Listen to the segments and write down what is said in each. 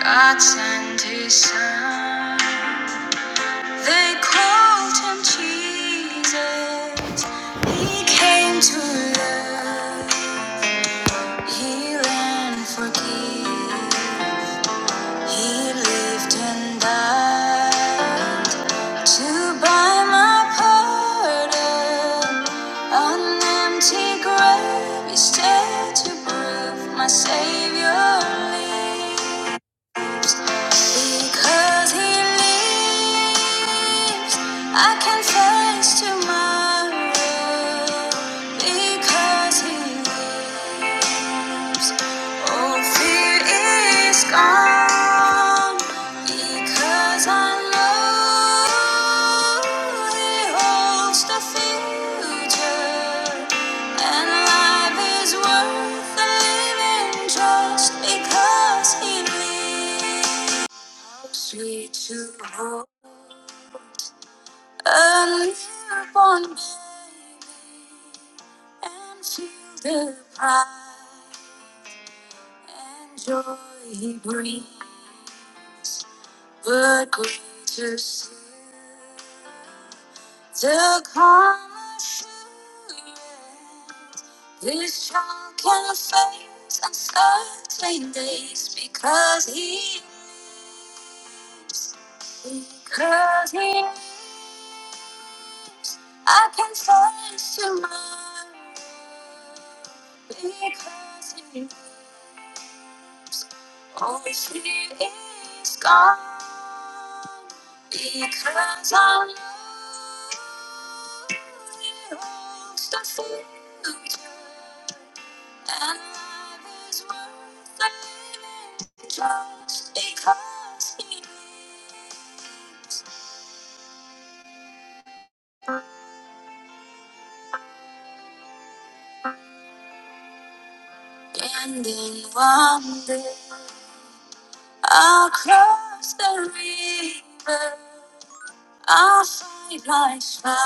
God sent his son. They called him Jesus. He came to love, heal, and forgive. He lived and died to buy my pardon. An empty grave is there to prove my Savior lives. Because he lives, I can face tomorrow. Because he lives. All fear is gone because I know He holds the future, and life is worth living just because He lives. Help Me to hold a newborn baby and feel the pride and joy he brings, but greater still the come assurance. This child can face uncertain days because he is, because he is. I can face tomorrow because he is. All fear is gone because our Lord holds the future, and life is worth living just because He lives. And in one across the river, I find life's fight.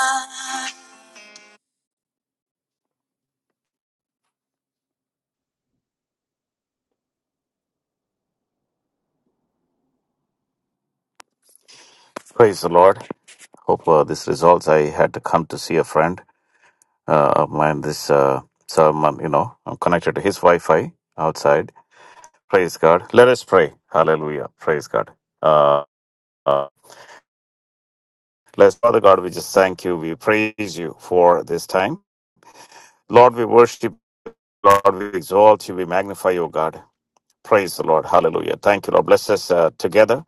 Praise the Lord. hope uh, this resolves. I had to come to see a friend uh, of mine. This uh, so I'm, um, you know I'm connected to his Wi-Fi outside. Praise God. Let us pray. Hallelujah. Praise God. Uh, uh, let's Father God. We just thank you. We praise you for this time, Lord. We worship. you. Lord, we exalt you, we magnify you, O God. Praise the Lord. Hallelujah. Thank you, Lord. Bless us uh, together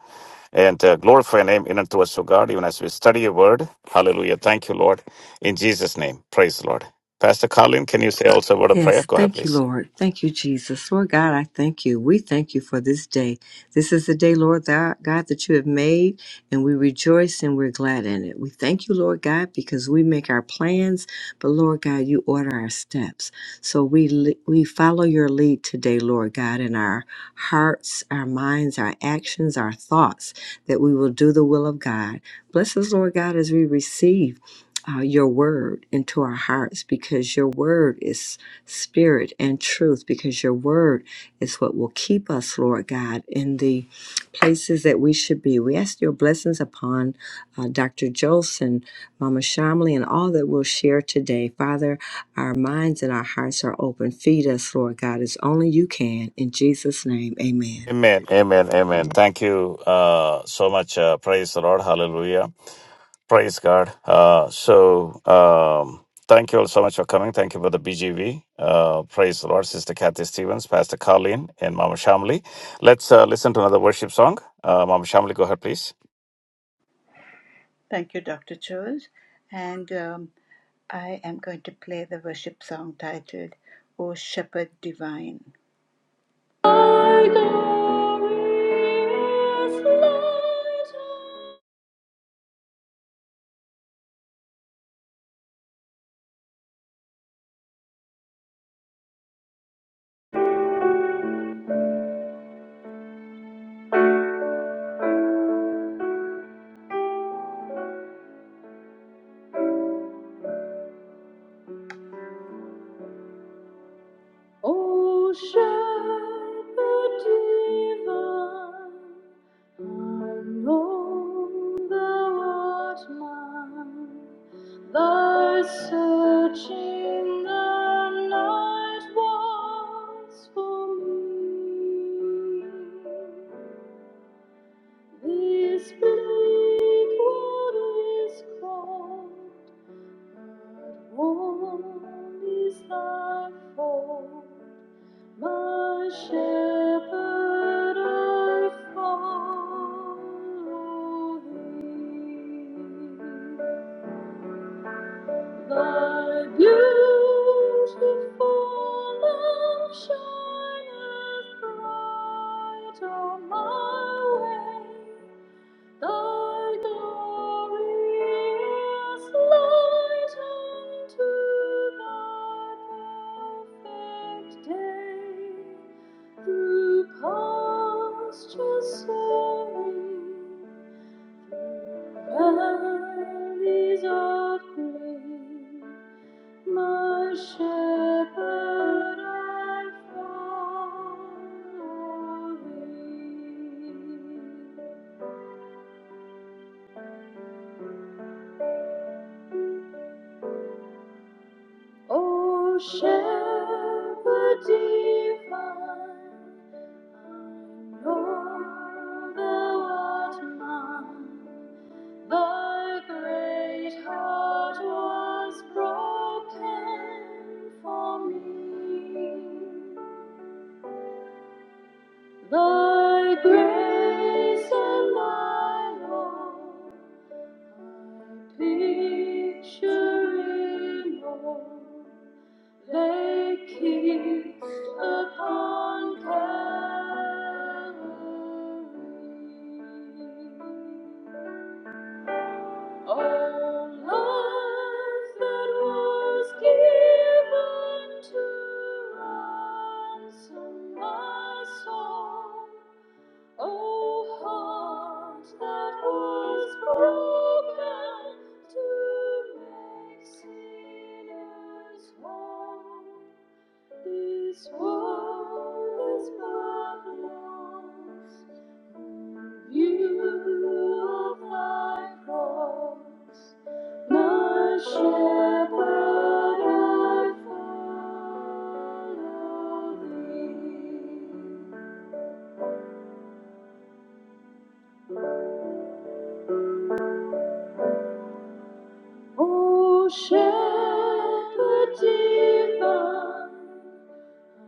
and uh, glorify your name in and through us, O God, even as we study your word. Hallelujah. Thank you, Lord. In Jesus' name. Praise the Lord. Pastor Colin, can you say also a word of prayer? Yes, Go ahead, thank you, please. Lord. Thank you, Jesus. Lord God, I thank you. We thank you for this day. This is the day, Lord thou- God, that you have made, and we rejoice and we're glad in it. We thank you, Lord God, because we make our plans, but Lord God, you order our steps. So we li- we follow your lead today, Lord God, in our hearts, our minds, our actions, our thoughts, that we will do the will of God. Bless us, Lord God, as we receive. Uh, your word into our hearts because your word is spirit and truth because your word is what will keep us, Lord God, in the places that we should be. We ask your blessings upon uh, Dr. Jolson, Mama Shamley, and all that we'll share today. Father, our minds and our hearts are open. Feed us, Lord God, as only you can. In Jesus' name, amen. Amen, amen, amen. Thank you uh, so much. Uh, praise the Lord. Hallelujah. Praise God. Uh, so, um, thank you all so much for coming. Thank you for the BGV. Uh, praise the Lord, Sister Kathy Stevens, Pastor Colleen, and Mama Shamli. Let's uh, listen to another worship song. Uh, Mama Shamli, go ahead, please. Thank you, Dr. Chols. And um, I am going to play the worship song titled, O Shepherd Divine. O shepherd divine, I know thou art mine. Thy searching the night was for me. This bleak world is cold, and warm is thy fold. My shepherd, I follow thee. Thy beautiful lamp shineth bright on my way. Thy glory is light unto thy perfect day. Through pastures serene, valleys of green, my shepherd I follow thee. O shepherd divine, I know thou art mine. Thy great heart was broken for me. Thy grace and thy love, I picture in all. They kissed upon Calvary. All love that was given to ransom my soul. O heart that was broken to make sinners whole, this world is but one in view of thy cross. My shepherd, I follow thee. O shepherd divine, I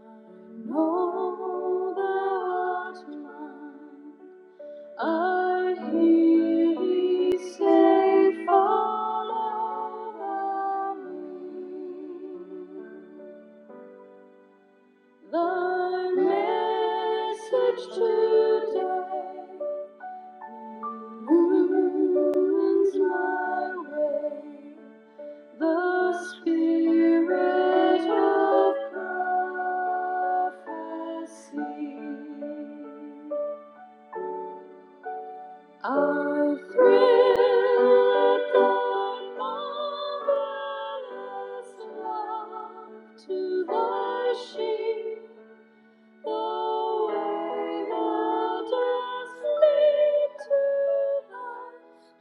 know thou art mine. I hear thee say, Follow me. Thy message today illumines my way. The spirit of prophecy I thrill at thy marvelous love to thy sheep, the way thou dost lead to thy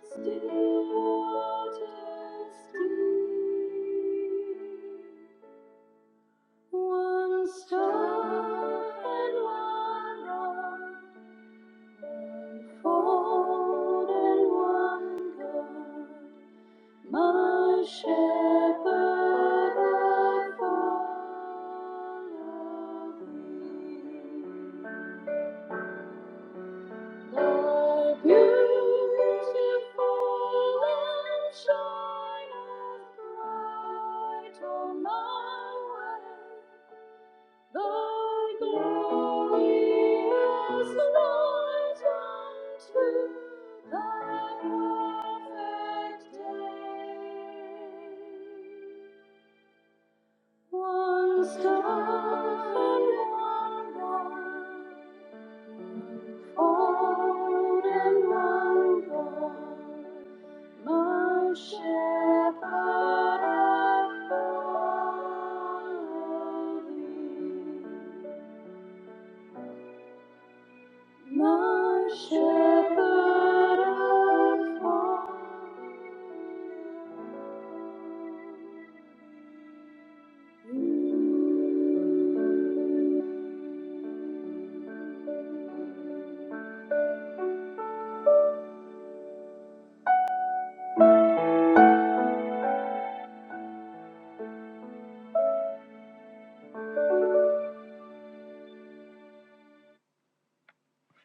still waters deep. One star and one rod. Fold in one God, my shepherd, I follow thee. Thy beautiful lamp shineth bright on my way. Thy glory light unto thy perfect day. One star and one rod, fold and one bond, my shepherd, I follow thee. my shepherd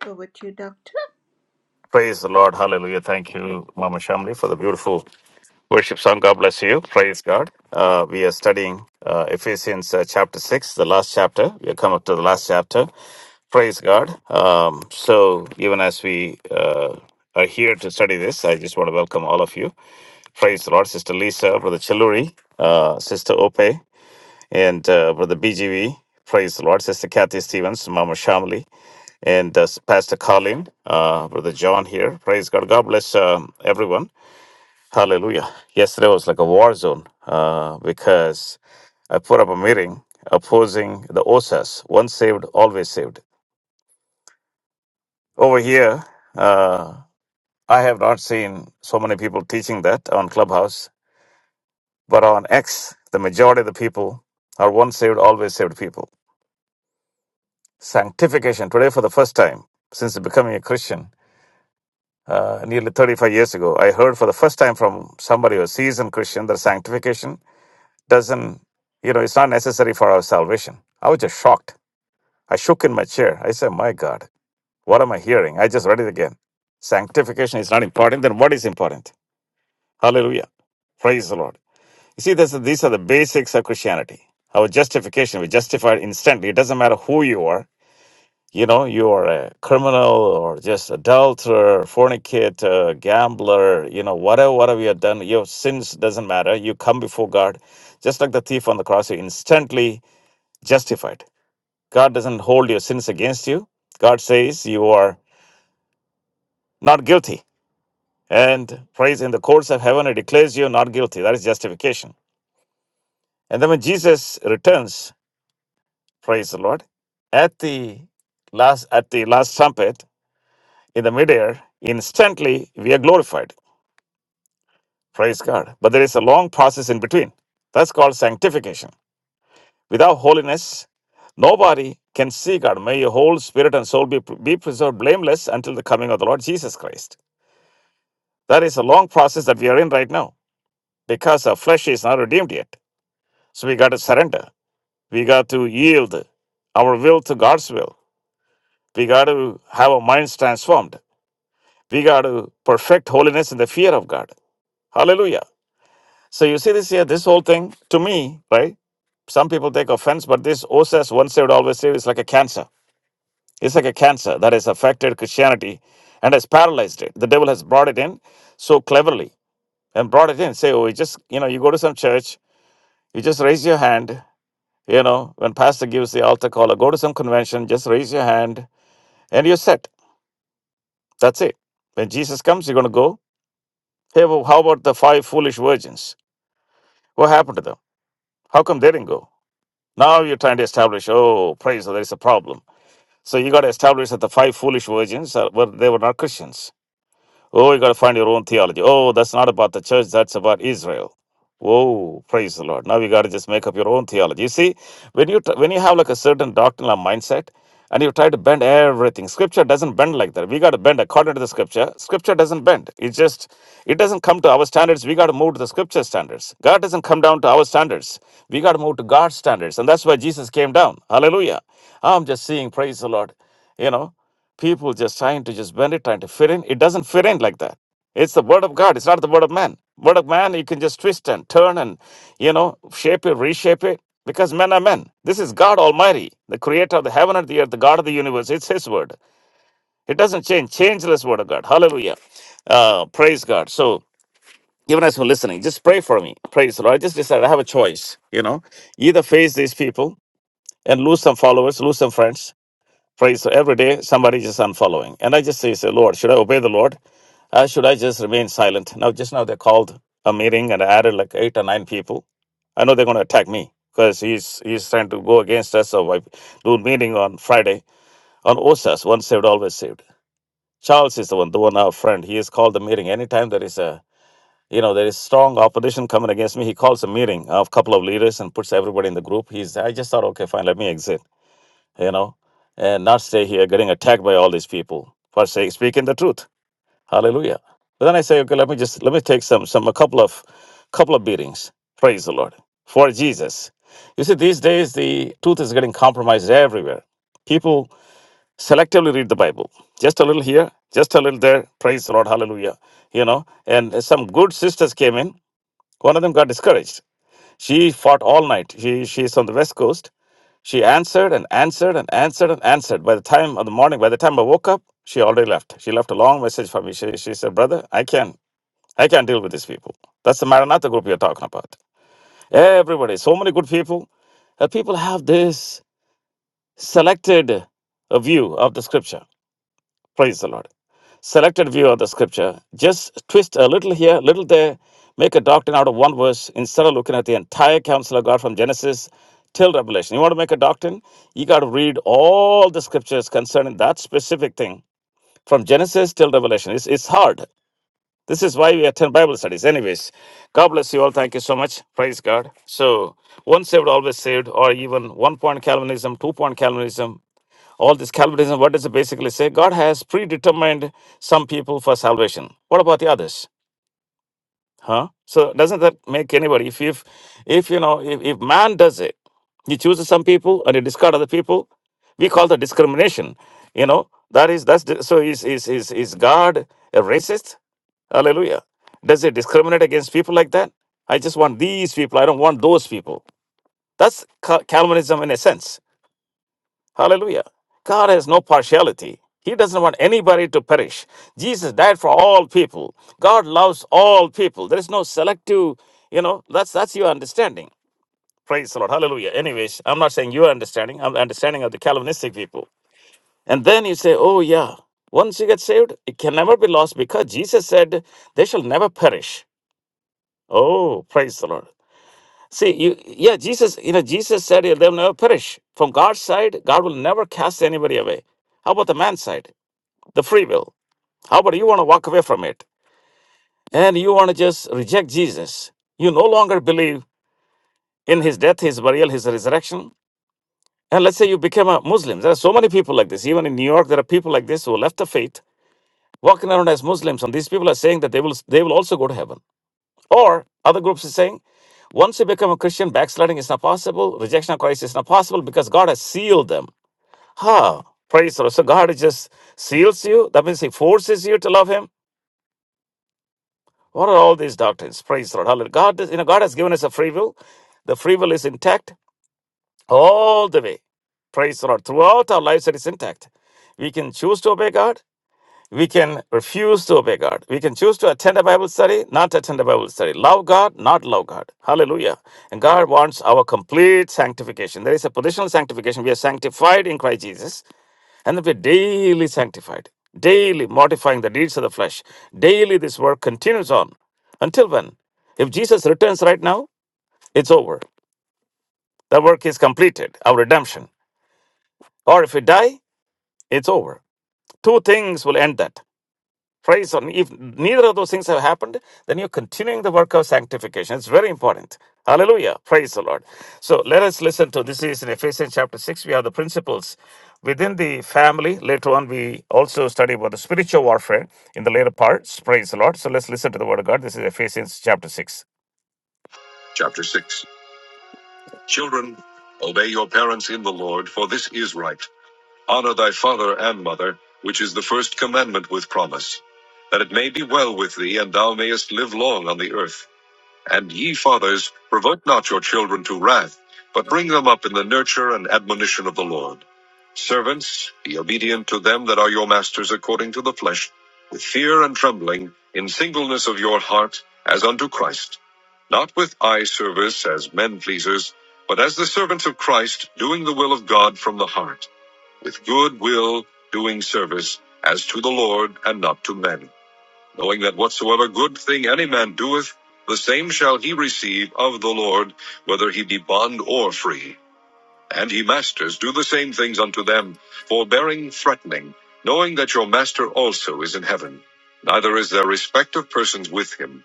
Over to you, Doctor. Praise the Lord. Hallelujah. Thank you, Mama Shamli, for the beautiful Worship song, God bless you. Praise God. Uh, we are studying uh, Ephesians uh, chapter 6, the last chapter. We have come up to the last chapter. Praise God. Um, so, even as we uh, are here to study this, I just want to welcome all of you. Praise the Lord, Sister Lisa, Brother Chiluri, uh, Sister Ope, and uh, Brother BGV. Praise the Lord, Sister Kathy Stevens, Mama Shamli, and uh, Pastor Colin, uh, Brother John here. Praise God. God bless um, everyone. Hallelujah. Yesterday was like a war zone uh, because I put up a meeting opposing the OSAS once saved, always saved. Over here, uh, I have not seen so many people teaching that on Clubhouse, but on X, the majority of the people are once saved, always saved people. Sanctification. Today, for the first time since becoming a Christian, uh, nearly 35 years ago, I heard for the first time from somebody, a seasoned Christian, that sanctification doesn't, you know, it's not necessary for our salvation. I was just shocked. I shook in my chair. I said, My God, what am I hearing? I just read it again. Sanctification is not important, then what is important? Hallelujah. Praise the Lord. You see, this, these are the basics of Christianity. Our justification, we justified instantly. It doesn't matter who you are. You know, you are a criminal or just adulterer, fornicator, gambler, you know, whatever, whatever you have done, your sins doesn't matter. You come before God just like the thief on the cross, you instantly justified. God doesn't hold your sins against you. God says you are not guilty. And praise in the courts of heaven, it declares you not guilty. That is justification. And then when Jesus returns, praise the Lord, at the last at the last trumpet in the midair, instantly we are glorified. Praise God. But there is a long process in between. That's called sanctification. Without holiness, nobody can see God. May your whole spirit and soul be, be preserved blameless until the coming of the Lord Jesus Christ. That is a long process that we are in right now because our flesh is not redeemed yet. So we got to surrender. We got to yield our will to God's will. We got to have our minds transformed. We got to perfect holiness in the fear of God. Hallelujah. So you see this here, this whole thing, to me, right? Some people take offense, but this OSAS, once they would always say, is like a cancer. It's like a cancer that has affected Christianity and has paralyzed it. The devil has brought it in so cleverly and brought it in. Say, oh, you just, you know, you go to some church You just raise your hand. You know, when pastor gives the altar call or go to some convention, just raise your hand and you're set. That's it. When Jesus comes, you're going to go. Hey, well, how about the five foolish virgins? What happened to them? How come they didn't go? Now you're trying to establish, oh, praise, there is a problem. So you got to establish that the five foolish virgins are, were, they were not Christians. Oh, you got to find your own theology. Oh, that's not about the church, that's about Israel. Whoa, praise the Lord. Now you got to just make up your own theology. You see, when you tr- when you have like a certain doctrinal mindset and you try to bend everything, scripture doesn't bend like that. We got to bend according to the scripture. Scripture doesn't bend. It just it doesn't come to our standards. We got to move to the scripture standards. God doesn't come down to our standards. We got to move to God's standards. And that's why Jesus came down. Hallelujah. I'm just seeing, praise the Lord. You know, People just trying to just bend it, trying to fit in. It doesn't fit in like that. It's the word of God. It's not the word of man. Word of man, you can just twist and turn and, you know, shape it, reshape it, because men are men. This is God Almighty, the creator of the heaven and the earth, the God of the universe. It's His word. It doesn't change. Changeless word of God. Hallelujah. Uh, praise God. So, even as we're listening, just pray for me. Praise the Lord. I just decided I have a choice, you know, either face these people and lose some followers, lose some friends, Praise so every day somebody just unfollowing. And I just say, say, Lord, should I obey the Lord? Uh, should I just remain silent? Now just now they called a meeting and added like eight or nine people. I know they're gonna attack me because he's he's trying to go against us. So I do a meeting on Friday on OSAS, once saved, always saved. Charles is the one, the one our friend. He has called the meeting. Anytime there is a you know there is strong opposition coming against me, he calls a meeting of a couple of leaders and puts everybody in the group. He's I just thought, okay, fine, let me exit you know, and not stay here getting attacked by all these people for saying speaking the truth. Hallelujah. But then I say, okay, let me just let me take some some a couple of couple of beatings. Praise the Lord for Jesus. You see, these days the truth is getting compromised everywhere. People selectively read the Bible, just a little here, just a little there. Praise the Lord, Hallelujah. You know, and some good sisters came in. One of them got discouraged she fought all night. She she's on the west coast. She answered and answered and answered and answered. By the time of the morning, by the time I woke up, she already left. She left a long message for me. She, she said, Brother, I can not I can't deal with these people. That's the Maranatha group you're talking about. Everybody, so many good people. Uh, people have this selected uh, view of the scripture. Praise the Lord. Selected view of the scripture. Just twist a little here, little there, make a doctrine out of one verse instead of looking at the entire counsel of God from Genesis till Revelation. You want to make a doctrine? You got to read all the scriptures concerning that specific thing from Genesis till Revelation. It's, it's hard. This is why we attend Bible studies. Anyways, God bless you all. Thank you so much. Praise God. So, once saved, always saved, or even one point Calvinism, two point Calvinism, all this Calvinism, what does it basically say? God has predetermined some people for salvation. What about the others? Huh? So doesn't that make anybody if if if you know if, if man does it, he chooses some people and he discards other people, we call that discrimination. You know, that is that's di- so is is is is God a racist? Hallelujah. Does it discriminate against people like that? I just want these people. I don't want those people. That's Cal- Calvinism in a sense Hallelujah. God has no partiality. He doesn't want anybody to perish. Jesus died for all people. God loves all people. There is no selective, you know, that's that's your understanding. Praise the Lord. Hallelujah. Anyways, I'm not saying your understanding, I'm the understanding of the Calvinistic people. And then you say, Oh yeah, once you get saved, it can never be lost because Jesus said they shall never perish. Oh, praise the Lord. See, you, yeah, Jesus, you know, Jesus said yeah, they'll never perish. From God's side, God will never cast anybody away. How about the man's side? The free will. How about you want to walk away from it and you want to just reject Jesus? You no longer believe in his death, his burial, his resurrection. And let's say you become a Muslim. There are so many people like this. Even in New York, there are people like this who left the faith, walking around as Muslims. And these people are saying that they will they will also go to heaven. Or other groups is saying, once you become a Christian, backsliding is not possible, rejection of Christ is not possible because God has sealed them. Huh. Praise the Lord. So God just seals you. That means He forces you to love Him. What are all these doctrines? Praise the Lord. Hallelujah. God, does- you know, God has given us a free will. The free will is intact all the way. Praise the Lord. Throughout our lives, it is intact. We can choose to obey God we can refuse to obey God. We can choose to attend a Bible study, not attend a Bible study. Love God, not love God. Hallelujah. And God wants our complete sanctification. There is a positional sanctification. We are sanctified in Christ Jesus, and then we're daily sanctified, daily mortifying the deeds of the flesh. Daily, this work continues on. Until when? If Jesus returns right now, it's over. The work is completed, our redemption. Or if we die, it's over. Two things will end that. Praise on. If neither of those things have happened, then you're continuing the work of sanctification. It's very important. Hallelujah. Praise the Lord. So let us listen to this is in Ephesians chapter 6. We have the principles within the family. Later on, we also study about the spiritual warfare in the later parts. Praise the Lord. So let's listen to the word of God. This is Ephesians chapter 6. Chapter 6. Children, obey your parents in the Lord, for this is right. Honor thy father and mother, which is the first commandment with promise, that it may be well with thee, and thou mayest live long on the earth. And ye fathers, provoke not your children to wrath, but bring them up in the nurture and admonition of the Lord. Servants, be obedient to them that are your masters according to the flesh, with fear and trembling, in singleness of your heart, as unto Christ. Not with eye service as men pleasers, but as the servants of Christ, doing the will of God from the heart with good will doing service as to the Lord and not to men, knowing that whatsoever good thing any man doeth, the same shall he receive of the Lord, whether he be bond or free. And ye masters, do the same things unto them, forbearing threatening, knowing that your master also is in heaven. Neither is there respect of persons with him.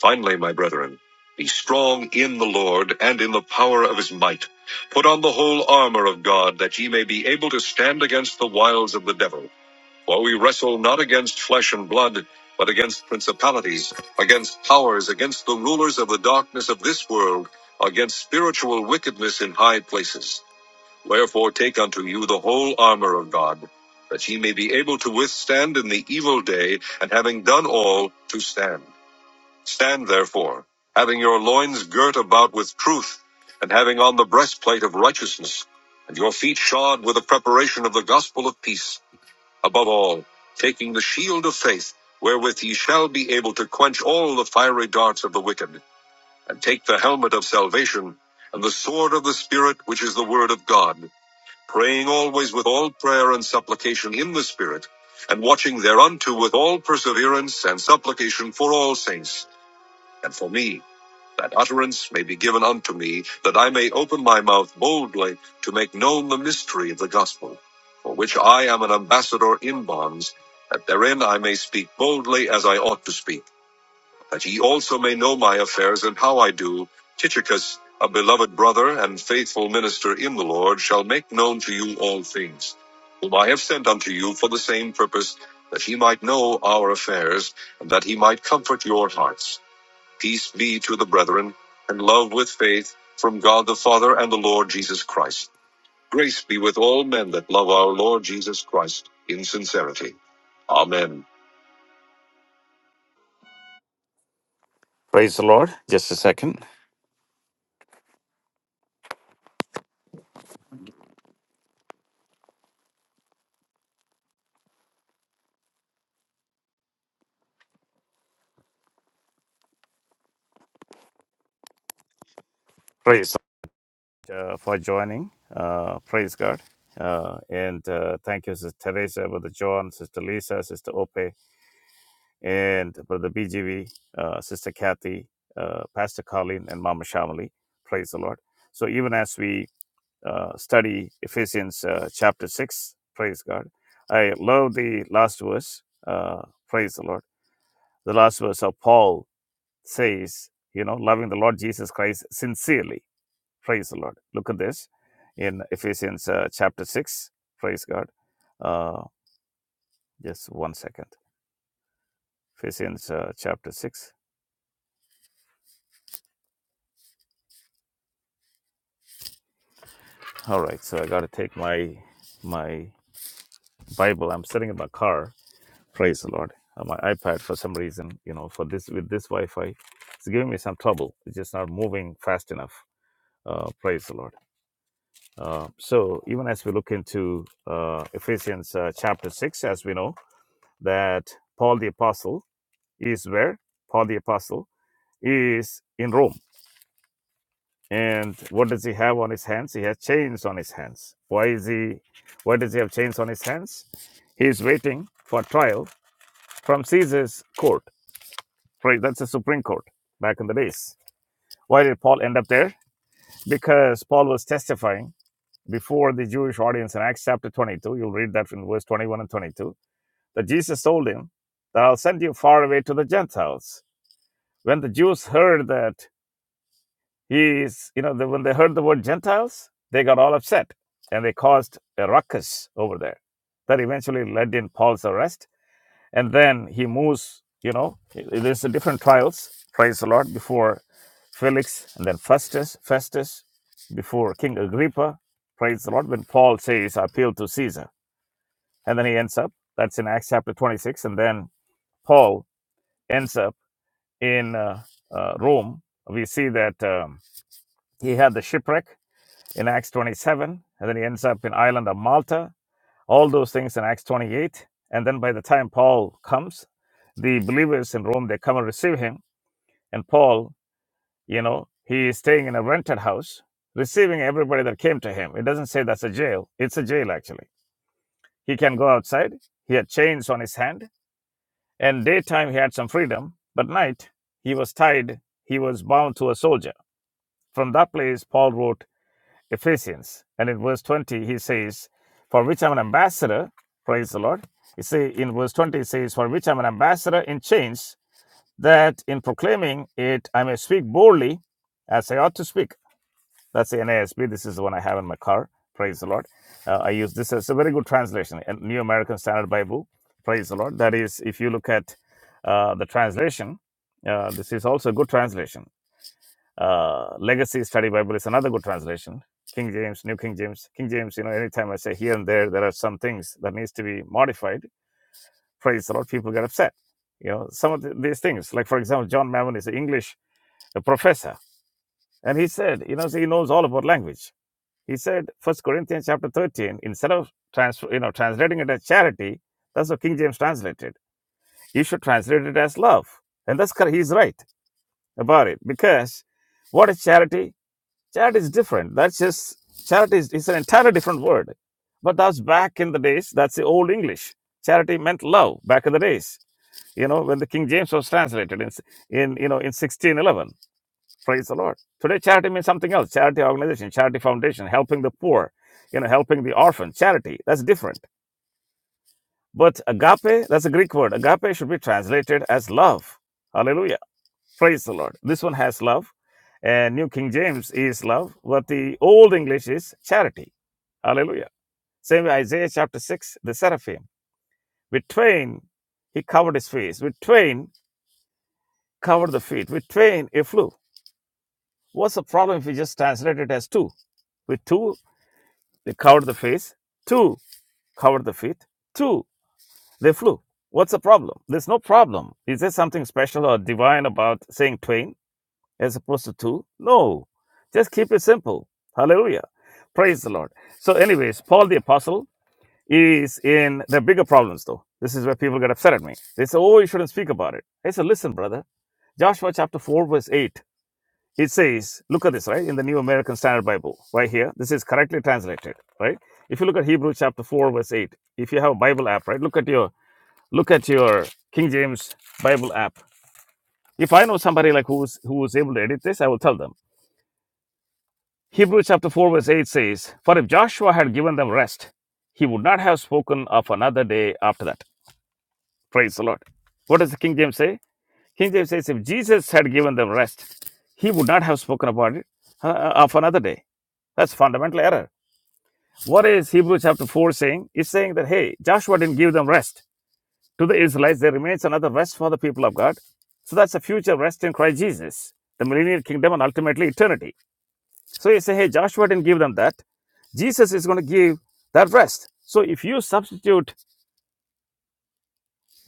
Finally, my brethren, be strong in the Lord and in the power of his might. Put on the whole armor of God, that ye may be able to stand against the wiles of the devil. For we wrestle not against flesh and blood, but against principalities, against powers, against the rulers of the darkness of this world, against spiritual wickedness in high places. Wherefore take unto you the whole armor of God, that ye may be able to withstand in the evil day, and having done all, to stand. Stand therefore, having your loins girt about with truth, and having on the breastplate of righteousness, and your feet shod with the preparation of the gospel of peace. Above all, taking the shield of faith, wherewith ye shall be able to quench all the fiery darts of the wicked, and take the helmet of salvation, and the sword of the Spirit, which is the word of God, praying always with all prayer and supplication in the Spirit, and watching thereunto with all perseverance and supplication for all saints, and for me that utterance may be given unto me, that I may open my mouth boldly to make known the mystery of the gospel, for which I am an ambassador in bonds, that therein I may speak boldly as I ought to speak, that ye also may know my affairs and how I do. Tychicus, a beloved brother and faithful minister in the Lord, shall make known to you all things, whom I have sent unto you for the same purpose, that he might know our affairs, and that he might comfort your hearts Peace be to the brethren, and love with faith from God the Father and the Lord Jesus Christ. Grace be with all men that love our Lord Jesus Christ in sincerity. Amen. Praise the Lord. Just a second. Praise uh, for joining. Uh, praise God. Uh, and uh, thank you, Sister Teresa, Brother John, Sister Lisa, Sister Ope, and Brother BGV, uh, Sister Kathy, uh, Pastor Colleen, and Mama Shamali. Praise the Lord. So even as we uh, study Ephesians uh, chapter 6. Praise God. I love the last verse. Uh, praise the Lord. The last verse of Paul says, you know, loving the Lord Jesus Christ sincerely. Praise the Lord. Look at this in Ephesians uh, chapter 6. Praise God. Uh, just one second. Ephesians uh, chapter 6. All right. So I got to take my my Bible. I'm sitting in my car Praise the Lord. Uh, my iPad, for some reason, you know, for this with this Wi-Fi, it's giving me some trouble. It's just not moving fast enough. Uh, praise the Lord. Uh, so even as we look into uh, Ephesians uh, chapter six, as we know that Paul the apostle is where Paul the apostle is in Rome, and what does he have on his hands? He has chains on his hands. Why is he? Why does he have chains on his hands? He is waiting for trial from Caesar's court Right, that's the Supreme Court back in the days. Why did Paul end up there? Because Paul was testifying before the Jewish audience in Acts chapter 22. You'll read that in verse 21 and 22. That Jesus told him that I'll send you far away to the Gentiles. When the Jews heard that he is, you know, the, when they heard the word Gentiles, they got all upset and they caused a ruckus over there. That eventually led in Paul's arrest and then he moves you know there's the different trials praise the lord before felix and then festus festus before king agrippa praise the lord when paul says i appeal to caesar and then he ends up that's in acts chapter 26 and then paul ends up in uh, uh, rome we see that um, he had the shipwreck in acts 27 and then he ends up in island of malta all those things in Acts 28. And then by the time Paul comes, the believers in Rome, they come and receive him. And Paul, you know, he is staying in a rented house, receiving everybody that came to him. It doesn't say that's a jail. It's a jail, actually. He can go outside. He had chains on his hand. And daytime, he had some freedom. But night, he was tied. He was bound to a soldier. From that place, Paul wrote Ephesians. And in verse 20, he says, For which I'm an ambassador, praise the Lord. You see, in verse 20, it says, For which I'm an ambassador in chains, that in proclaiming it I may speak boldly as I ought to speak. That's the NASB. This is the one I have in my car. Praise the Lord. Uh, I use this as a very good translation, a New American Standard Bible. Praise the Lord. That is, if you look at uh, the translation, uh, this is also a good translation. Uh, Legacy Study Bible is another good translation. King James, New King James, King James. You know, anytime I say here and there, there are some things that needs to be modified. Praise the Lord, people get upset. You know, some of th- these things, like for example, John Mammon is an English uh, professor, and he said, you know, so he knows all about language. He said, First Corinthians chapter thirteen, instead of trans- you know translating it as charity, that's what King James translated. You should translate it as love, and that's correct. He's right about it because what is charity? Charity is different. That's just charity is it's an entirely different word. But that's back in the days. That's the old English. Charity meant love back in the days. You know when the King James was translated in in you know in 1611. Praise the Lord. Today charity means something else. Charity organization, charity foundation, helping the poor, you know, helping the orphan. Charity that's different. But agape, that's a Greek word. Agape should be translated as love. Hallelujah Praise the Lord. This one has love. And New King James is love, but the Old English is charity. Hallelujah. Same way Isaiah chapter 6, the seraphim. With twain, he covered his face. With twain, covered the feet. With twain, he flew. What's the problem if we just translate it as two? With two, they covered the face. Two, covered the feet. Two, they flew. What's the problem? There's no problem. Is there something special or divine about saying twain? as opposed to two, no. Just keep it simple. Hallelujah. Praise the Lord. So, anyways, Paul the Apostle is in the bigger problems, though. This is where people get upset at me. They say, oh, you shouldn't speak about it. I said, listen, brother, Joshua chapter 4, verse 8. It says, look at this, right? In the New American Standard Bible, right here. This is correctly translated, right? If you look at Hebrew chapter 4, verse 8, if you have a Bible app, right? Look at your look at your King James Bible app. If I know somebody like who's who's able to edit this, I will tell them Hebrews chapter 4, verse 8 says, For if Joshua had given them rest, he would not have spoken of another day after that. Praise the Lord. What does the King James say? King James says, If Jesus had given them rest, he would not have spoken about it uh, uh, of another day. That's fundamental error. What is Hebrews chapter 4 saying? It's saying that, hey, Joshua didn't give them rest. To the Israelites, there remains another rest for the people of God. So that's a future rest in Christ Jesus, the millennial kingdom and ultimately eternity. So you say, hey, Joshua didn't give them that. Jesus is going to give that rest. So if you substitute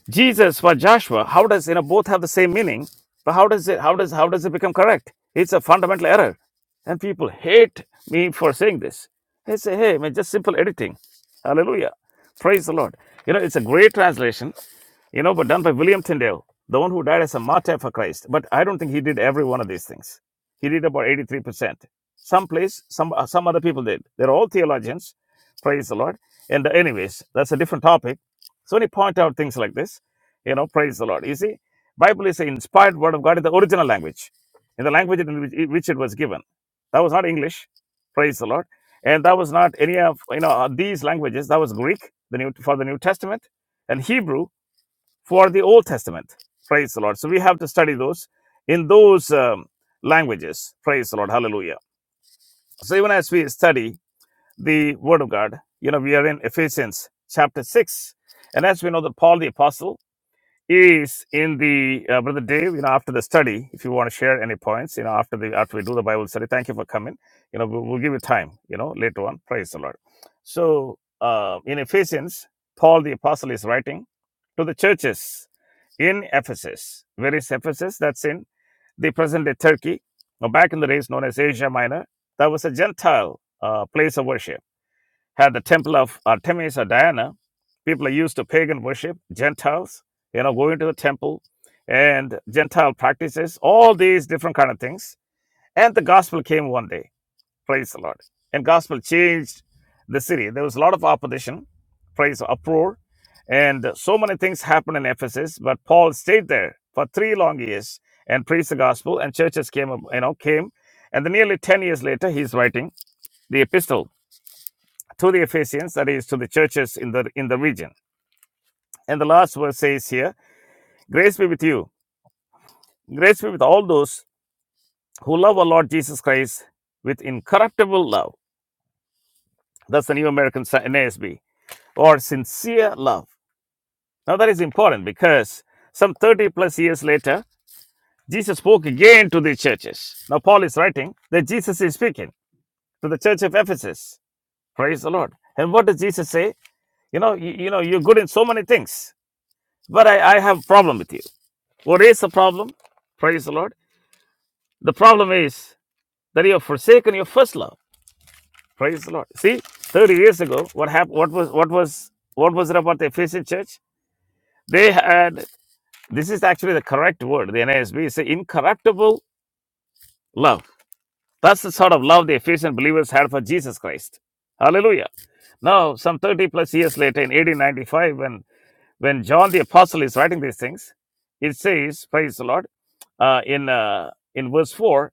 Jesus for Joshua, how does you know both have the same meaning, but how does it how does how does it become correct? It's a fundamental error. And people hate me for saying this. They say, hey, man, just simple editing. Hallelujah. Praise the Lord. You know, it's a great translation, you know, but done by William Tyndale, the one who died as a martyr for Christ. But I don't think he did every one of these things. He did about 83%. Some place, some uh, some other people did. They're all theologians. Praise the Lord. And uh, anyways, that's a different topic so when you point out things like this, you know, praise the Lord. You see, Bible is the inspired word of God in the original language, in the language in which which it was given. That was not English, praise the Lord, and that was not any of you know uh, these languages. That was Greek, the new for the New Testament, and Hebrew for the Old Testament. Praise the Lord. So we have to study those in those um, languages. Praise the Lord. Hallelujah. So even as we study the Word of God, you know, we are in Ephesians chapter six, and as we know that Paul the apostle is in the uh, brother Dave. You know, after the study, if you want to share any points, you know, after the after we do the Bible study, thank you for coming. You know, we'll, we'll give you time. You know, later on, praise the Lord. So, uh, in Ephesians, Paul the apostle is writing to the churches in Ephesus. Where is Ephesus? That's in the present day Turkey, or back in the days known as Asia Minor. That was a Gentile uh, place of worship had the temple of Artemis or Diana. People are used to pagan worship, Gentiles, you know, going to the temple and Gentile practices, all these different kind of things. And the gospel came one day. Praise the Lord. And gospel changed the city. There was a lot of opposition, praise uproar, and so many things happened in Ephesus. But Paul stayed there for three long years and preached the gospel, and churches came, up- you know, came. And then nearly 10 years later, he's writing the epistle to the Ephesians, that is to the churches in the in the region. And the last verse says here, grace be with you. Grace be with all those who love our Lord Jesus Christ with incorruptible love. That's the New American Sa- NASB. Or sincere love. Now that is important because some 30 plus years later, Jesus spoke again to the churches. Now Paul is writing that Jesus is speaking to the church of Ephesus. Praise the Lord. And what does Jesus say? You know, you, you know, you're good in so many things, but I, I have a problem with you What is the problem? Praise the Lord. The problem is that you have forsaken your first love. Praise the Lord. See, 30 years ago, what happened? What was what was what was it about the Ephesian church? They had this is actually the correct word. The NASB is incorruptible love. That's the sort of love the Ephesian believers had for Jesus Christ. Hallelujah. Now, some 30 plus years later, in 1895, when when John the Apostle is writing these things, it says, praise the Lord, uh, in uh, in verse 4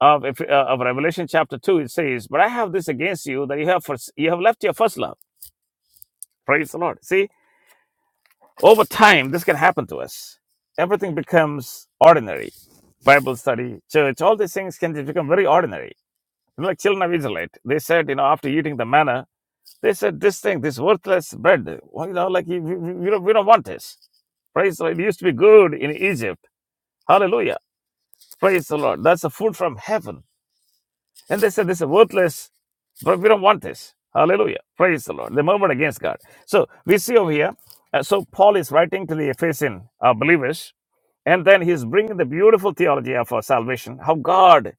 of if, uh, of Revelation chapter two, it says, "But I have this against you that you have first, you have left your first love." Praise the Lord. See, over time, this can happen to us. Everything becomes ordinary. Bible study, church, all these things can become very ordinary. You know, like children of Israelite, they said, you know, after eating the manna, they said, "This thing, this worthless bread, well, you know, like you, you, you don't, we don't want this." Praise the Lord. It used to be good in Egypt. Hallelujah. Praise the Lord. That's a food from heaven. And they said, This is worthless. But we don't want this. Hallelujah. Praise the Lord. They murmured against God. So we see over here. uh, so Paul is writing to the Ephesian uh, believers, and then he's bringing the beautiful theology of our salvation, how God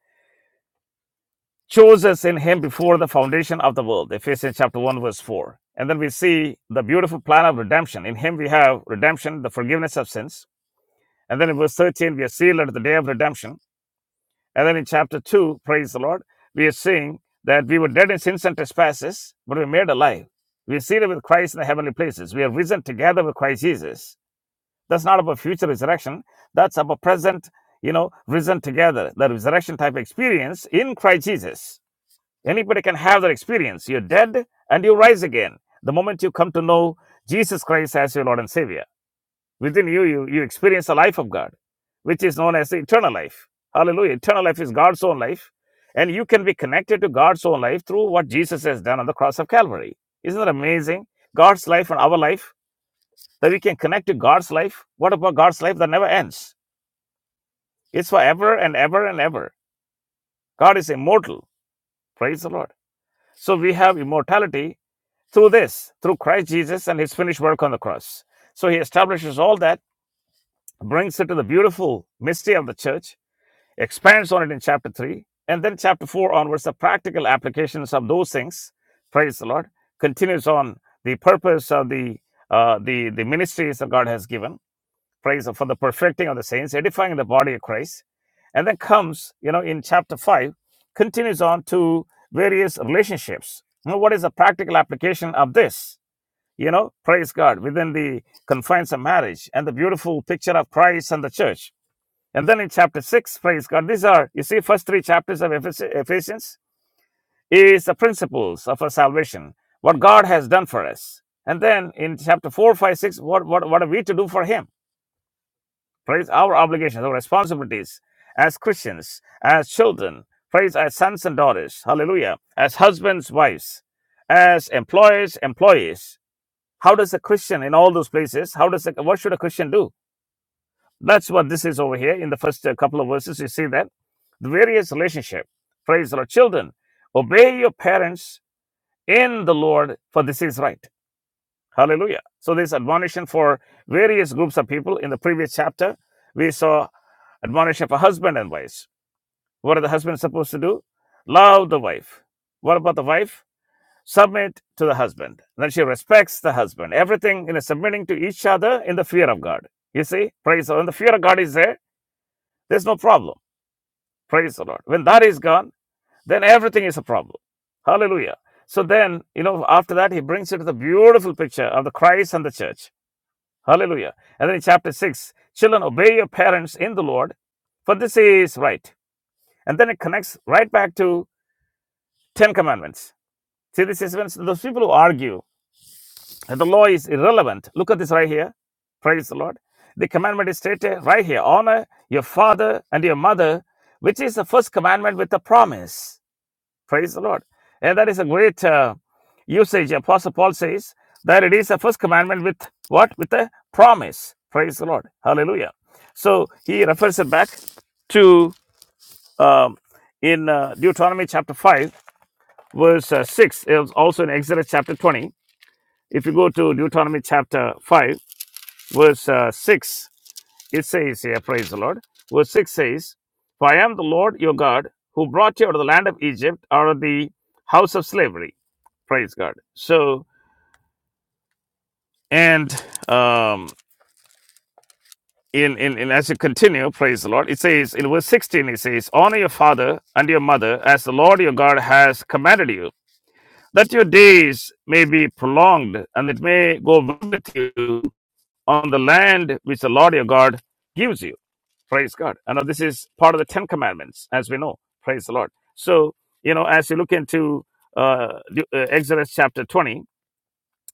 chose us in him before the foundation of the world. Ephesians chapter 1, verse 4. And then we see the beautiful plan of redemption. In him we have redemption, the forgiveness of sins. And then in verse 13, we are sealed at the day of redemption. And then in chapter 2, praise the Lord, we are seeing that we were dead in sins and trespasses, but we were made alive. We are seated with Christ in the heavenly places. We are risen together with Christ Jesus. That's not about future resurrection. That's about present, you know, risen together, the resurrection type experience in Christ Jesus. Anybody can have that experience. You're dead and you rise again the moment you come to know Jesus Christ as your Lord and Savior. Within you, you, you experience the life of God, which is known as the eternal life. Hallelujah. Eternal life is God's own life. And you can be connected to God's own life through what Jesus has done on the cross of Calvary. Isn't that amazing? God's life and our life, that we can connect to God's life. What about God's life that never ends? It's forever and ever and ever. God is immortal. Praise the Lord. So we have immortality through this, through Christ Jesus and his finished work on the cross. So he establishes all that, brings it to the beautiful mystery of the church, expands on it in chapter 3. And then chapter 4 onwards, the practical applications of those things, praise the Lord, continues on the purpose of the uh, the, the ministries that God has given, praise for the perfecting of the saints, edifying the body of Christ. And then comes, you know, in chapter 5, continues on to various relationships. You know, what is the practical application of this? You know, praise God, within the confines of marriage and the beautiful picture of Christ and the church and then in chapter 6, praise God, these are, you see, first three chapters of Ephesians is the principles of our salvation, what God has done for us. And then in chapter 4, 5, 6, what, what, what are we to do for Him? Praise our obligations, our responsibilities as Christians, as children, praise as sons and daughters, hallelujah, as husbands, wives, as employers, employees. How does a Christian in all those places, how does a, what should a Christian do? That's what this is over here in the first uh, couple of verses. You see that the various relationship. Praise the Lord. Children, obey your parents in the Lord, for this is right. Hallelujah. So this admonition for various groups of people in the previous chapter, we saw admonition for husband and wives. What are the husbands supposed to do? Love the wife. What about the wife? Submit to the husband. Then she respects the husband. Everything in a submitting to each other in the fear of God. You see, praise the Lord. And the fear of God is there there's no problem. Praise the Lord. When that is gone, then everything is a problem. Hallelujah. So then, you know, after that, he brings you to the beautiful picture of the Christ and the church. Hallelujah. And then in chapter 6, children, obey your parents in the Lord, for this is right. And then it connects right back to Ten Commandments. See, this is when those people who argue that the law is irrelevant. Look at this right here. Praise the Lord. The commandment is stated right here honor your father and your mother, which is the first commandment with a promise. Praise the Lord. And that is a great uh, usage. Apostle Paul says that it is a first commandment with what? With a promise. Praise the Lord. Hallelujah. So he refers it back to um, in uh, Deuteronomy chapter 5, verse uh, 6. It was also in Exodus chapter 20. If you go to Deuteronomy chapter 5, verse uh, 6, it says here, praise the Lord. Verse 6 says, For I am the Lord your God who brought you out of the land of Egypt, out of the house of slavery praise god so and um in, in, in as you continue praise the lord it says in verse 16 it says honor your father and your mother as the lord your god has commanded you that your days may be prolonged and it may go well with you on the land which the lord your god gives you praise god and now this is part of the ten commandments as we know praise the lord so you know as you look into uh, De- uh exodus chapter 20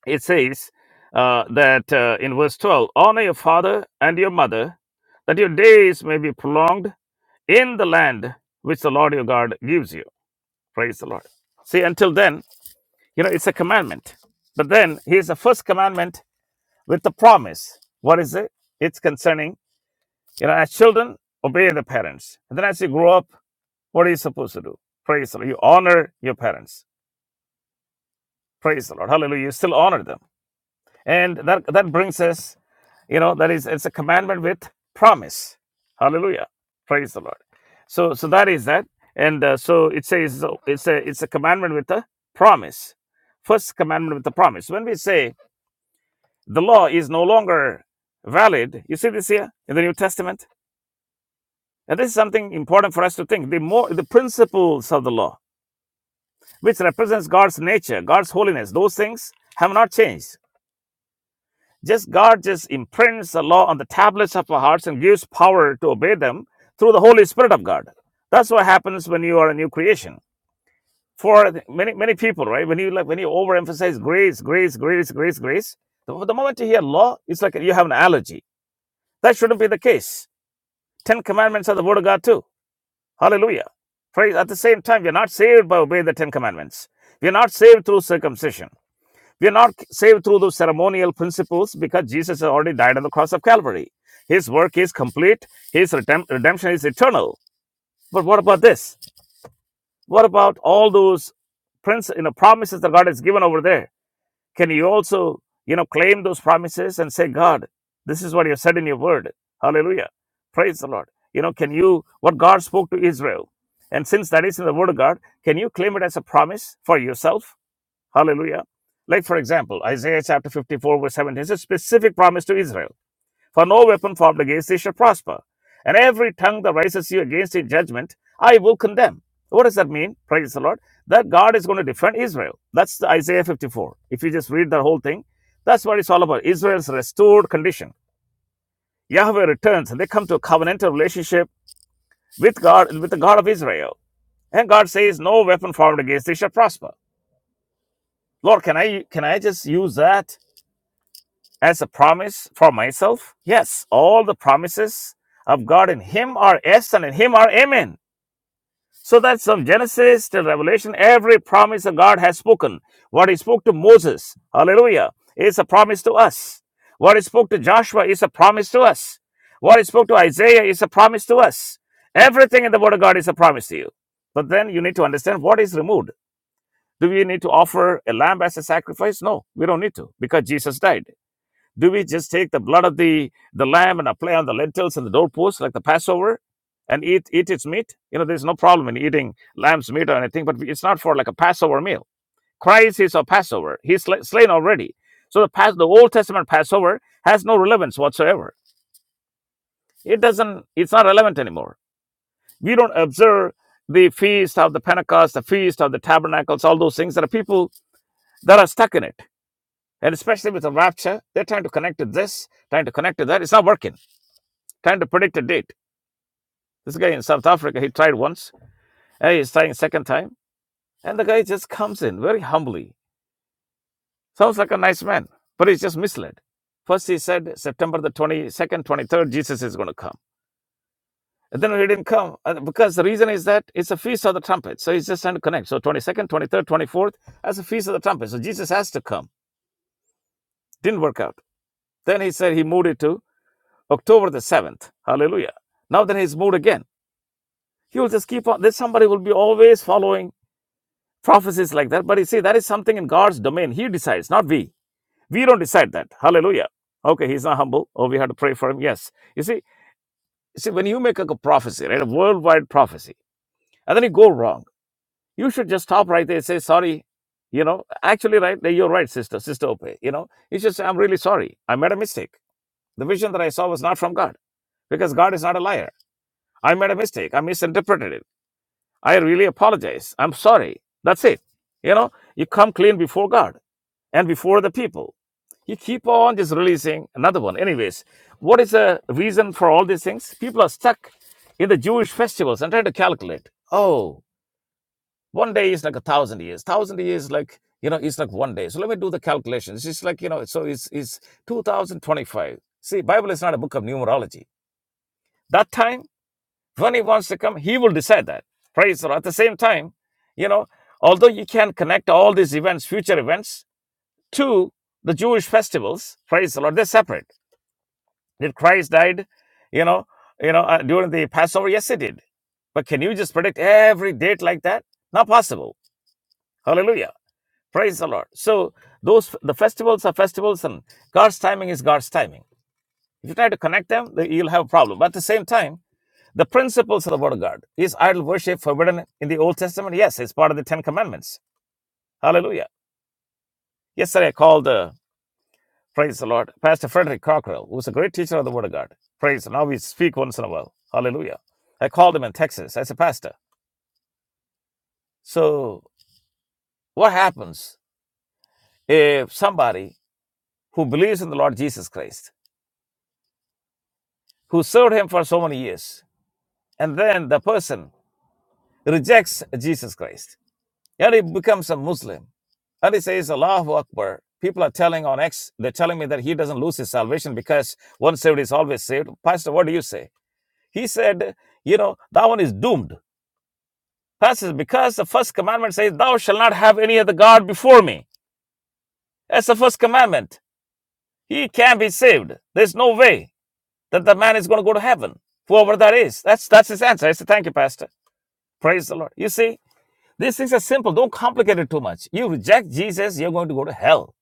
it says uh, that uh, in verse 12 honor your father and your mother that your days may be prolonged in the land which the lord your god gives you praise the lord see until then you know it's a commandment but then here's the first commandment with the promise what is it it's concerning you know as children obey the parents and then as you grow up what are you supposed to do praise the lord you honor your parents praise the lord hallelujah you still honor them and that that brings us you know that is it's a commandment with promise hallelujah praise the lord so so that is that and uh, so it says so it's a it's a commandment with a promise first commandment with a promise when we say the law is no longer valid you see this here in the new testament and this is something important for us to think the more the principles of the law which represents god's nature god's holiness those things have not changed Just God just imprints the law on the tablets of our hearts and gives power to obey them through the Holy Spirit of God. That's what happens when you are a new creation. For many many people, right? When you like when you overemphasize grace, grace, grace, grace, grace, the, the moment you hear law, it's like you have an allergy. That shouldn't be the case. Ten commandments are the word of God too. Hallelujah. Praise at the same time, we are not saved by obeying the Ten Commandments. We are not saved through circumcision. We are not saved through those ceremonial principles because Jesus has already died on the cross of Calvary. His work is complete, his redemption is eternal. But what about this? What about all those prince, you know, promises that God has given over there? Can you also, you know, claim those promises and say, God, this is what you said in your word. Hallelujah. Praise the Lord. You know, can you, what God spoke to Israel, and since that is in the word of God, can you claim it as a promise for yourself? Hallelujah. Like, for example, Isaiah chapter 54, verse 17 is a specific promise to Israel For no weapon formed against thee shall prosper, and every tongue that rises you against in judgment, I will condemn. What does that mean? Praise the Lord. That God is going to defend Israel. That's the Isaiah 54. If you just read the whole thing, that's what it's all about Israel's restored condition. Yahweh returns and they come to a covenantal relationship with God, with the God of Israel. And God says, No weapon formed against thee shall prosper. Lord, can I can I just use that as a promise for myself? Yes, all the promises of God in Him are yes, and in Him are amen. So that's from Genesis till Revelation, every promise that God has spoken. What He spoke to Moses, hallelujah, is a promise to us. What He spoke to Joshua is a promise to us. What He spoke to Isaiah is a promise to us. Everything in the Word of God is a promise to you. But then you need to understand what is removed. Do we need to offer a lamb as a sacrifice? No, we don't need to because Jesus died. Do we just take the blood of the, the lamb and apply on the lentils and the doorposts like the Passover and eat, eat its meat? You know, there's no problem in eating lamb's meat or anything, but it's not for like a Passover meal. Christ is our Passover. He's slain already. So the, past, the Old Testament Passover has no relevance whatsoever. It doesn't, it's not relevant anymore. We don't observe the feast of the Pentecost, the feast of the tabernacles, all those things. There are people that are stuck in it. And especially with the rapture, they're trying to connect to this, trying to connect to that. It's not working. trying to predict a date. This guy in South Africa, he tried once, and he's trying second time, and the guy just comes in very humbly. Sounds like a nice man, but he's just misled. First, he said September the 22nd, 23rd, Jesus is going to come. And then he didn't come uh, because the reason is that it's a feast of the trumpets. So he's just trying to connect. So 22nd, 23rd, 24th, as a feast of the trumpets. So Jesus has to come. Didn't work out. Then he said he moved it to October the 7th. Hallelujah. Now then he's moved again. He will just keep on. There's somebody will be always following prophecies like that. But you see, that is something in God's domain. He decides, not we. We don't decide that. Hallelujah. Okay, he's not humble. Oh, we had to pray for him. Yes. You see, you see, when you make a prophecy, right, a worldwide prophecy, and then you go wrong, you should just stop right there and say, sorry. You know, actually, right, you're right, sister, sister Ope. You know, you should say, I'm really sorry. I made a mistake. The vision that I saw was not from God because God is not a liar. I made a mistake. I misinterpreted it. I really apologize. I'm sorry. That's it. You know, you come clean before God and before the people. You keep on just releasing another one. Anyways, what is the reason for all these things? People are stuck in the Jewish festivals and trying to calculate. Oh, one day is like a thousand years. Thousand years like you know, it's like one day. So let me do the calculations. It's like you know, so it's it's 2025. See, Bible is not a book of numerology. That time when he wants to come, he will decide that. Praise the Lord. At the same time, you know, although you can connect all these events, future events, to the Jewish festivals, praise the Lord, they're separate. Did Christ died, you know, you know, uh, during the Passover? Yes, he did. But can you just predict every date like that? Not possible. Hallelujah. Praise the Lord. So those the festivals are festivals, and God's timing is God's timing. If you try to connect them, then you'll have a problem. But at the same time The principles of the Word of God. Is idol worship forbidden in the Old Testament? Yes, it's part of the Ten Commandments. Hallelujah. Yesterday I called, uh, praise the Lord, Pastor Frederick Cockrell, who's a great teacher of the Word of God. Praise. Now we speak once in a while. Hallelujah. I called him in Texas as a pastor. So what happens if somebody who believes in the Lord Jesus Christ, who served him for so many years, and then the person rejects Jesus Christ? Yet he becomes a Muslim. And he says, Allahu Akbar. People are telling on X, they're telling me that he doesn't lose his salvation because once saved is always saved. Pastor, what do you say? He said, you know, that one is doomed. Pastor, because the first commandment says, thou shalt not have any other God before me. That's the first commandment. He can't be saved. There's no way that the man is going to go to heaven. Whoever that is. That's that's his answer. I said, thank you, Pastor. Praise the Lord. You see, these things are simple. Don't complicate it too much. You reject Jesus, you're going to go to hell.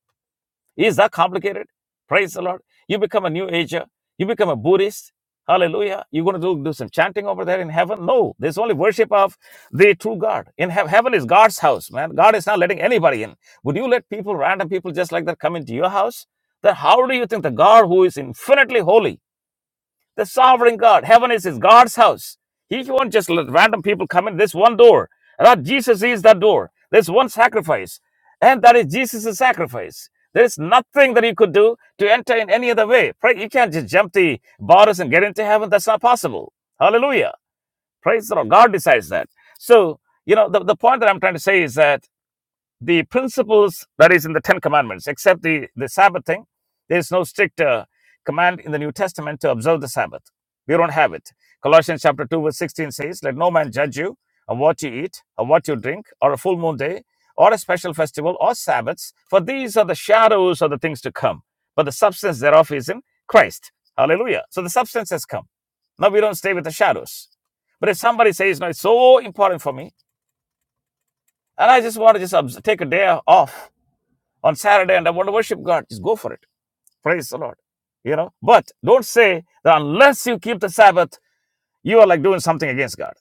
Is that complicated? Praise the Lord. You become a New Ager. You become a Buddhist. Hallelujah. You're going to do, do some chanting over there in heaven? No. There's only worship of the true God. In heaven, heaven is God's house, man. God is not letting anybody in. Would you let people, random people just like that, come into your house? Then how do you think the God who is infinitely holy the sovereign God. Heaven is his God's house. He won't just let random people come in this one door. That Jesus is that door. There's one sacrifice. And that is Jesus' sacrifice. There's nothing that you could do to enter in any other way. Pray, you can't just jump the borders and get into heaven. That's not possible. Hallelujah. Praise the Lord. God decides that. So, you know, the, the point that I'm trying to say is that the principles that is in the Ten Commandments, except the, the Sabbath thing. There's no strict uh, command in the New Testament to observe the Sabbath. We don't have it. Colossians chapter 2, verse 16 says, Let no man judge you on what you eat, on what you drink, or a full moon day, or a special festival, or Sabbaths, for these are the shadows of the things to come. But the substance thereof is in Christ. Hallelujah. So the substance has come. Now we don't stay with the shadows. But if somebody says, No, it's so important for me, and I just want to just obs- take a day off on Saturday and I want to worship God, just go for it. Praise the Lord. You know, but don't say that unless you keep the Sabbath, you are like doing something against God.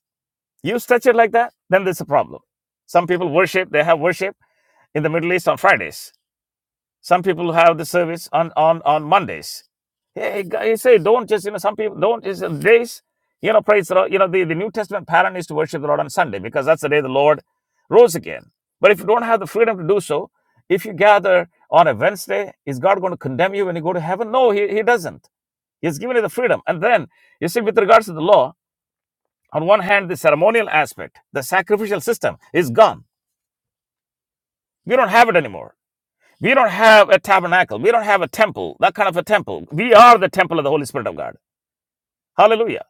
You stretch it like that, then there's a problem. Some people worship, they have worship in the Middle East on Fridays some people have the service on on on Mondays. Hey, guy, say don't just you know some people don't is days you know praise the Lord. You know the, the New Testament pattern is to worship the Lord on Sunday because that's the day the Lord rose again. But if you don't have the freedom to do so, if you gather on a Wednesday, is God going to condemn you when you go to heaven? No, he, he doesn't. He's given you the freedom. And then you see, with regards to the law, on one hand, the ceremonial aspect, the sacrificial system is gone. We don't have it anymore. We don't have a tabernacle. We don't have a temple, that kind of a temple. We are the temple of the Holy Spirit of God. Hallelujah.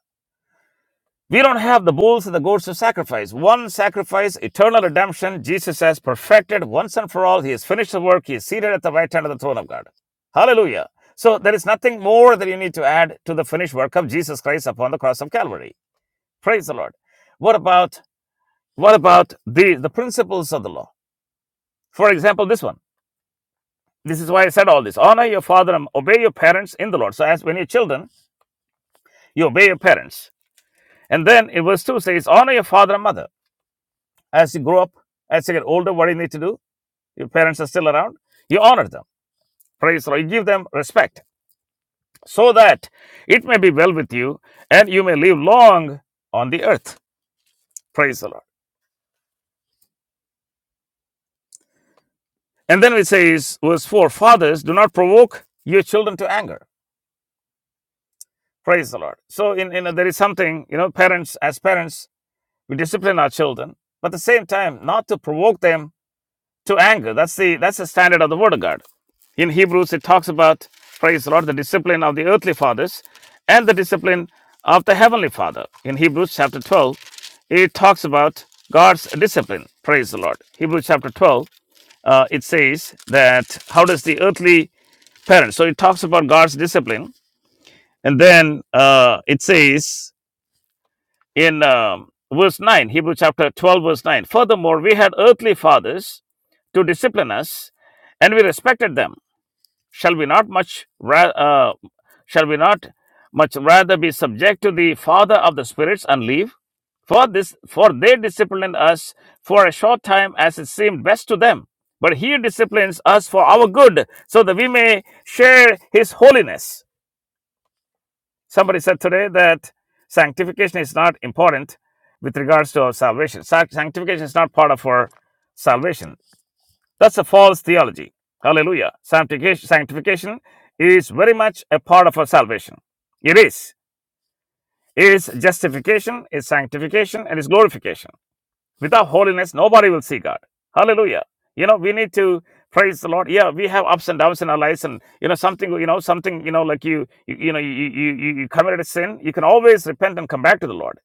We don't have the bulls and the goats to sacrifice. One sacrifice, eternal redemption, Jesus has perfected once and for all. He has finished the work. He is seated at the right hand of the throne of God. Hallelujah. So there is nothing more that you need to add to the finished work of Jesus Christ upon the cross of Calvary. Praise the Lord. What about what about the, the principles of the law? For example, this one. This is why I said all this. Honor your father and obey your parents in the Lord. So, as when you're children, you obey your parents. And then in verse 2 says, Honor your father and mother. As you grow up, as you get older, what do you need to do? Your parents are still around. You honor them. Praise the Lord. You give them respect so that it may be well with you and you may live long on the earth. Praise the Lord. And then it says, verse 4 Fathers, do not provoke your children to anger. Praise the Lord. So, in, in there is something, you know, parents, as parents, we discipline our children, but at the same time, not to provoke them to anger. That's the that's the standard of the Word of God. In Hebrews, it talks about praise the Lord, the discipline of the earthly fathers and the discipline of the heavenly Father. In Hebrews chapter twelve, it talks about God's discipline. Praise the Lord. Hebrews chapter twelve, uh, it says that how does the earthly parent? So it talks about God's discipline, and then uh, it says in um, verse 9, Hebrews chapter 12, verse 9. Furthermore, we had earthly fathers to discipline us, and we respected them. Shall we not much ra- uh, shall we not much rather be subject to the Father of the spirits and live? For this, for they disciplined us for a short time as it seemed best to them. But he disciplines us for our good, so that we may share his holiness. Somebody said today that sanctification is not important with regards to our salvation. Sanctification is not part of our salvation. That's a false theology. Hallelujah. Sanctification, sanctification is very much a part of our salvation. It is. It is justification, it's sanctification, and it's glorification. Without holiness, nobody will see God. Hallelujah. You know, we need to praise the Lord. Yeah, we have ups and downs in our lives, and you know, something, you know, something, you know, like you, you, you know, you, you, you you committed a sin. You can always repent and come back to the Lord.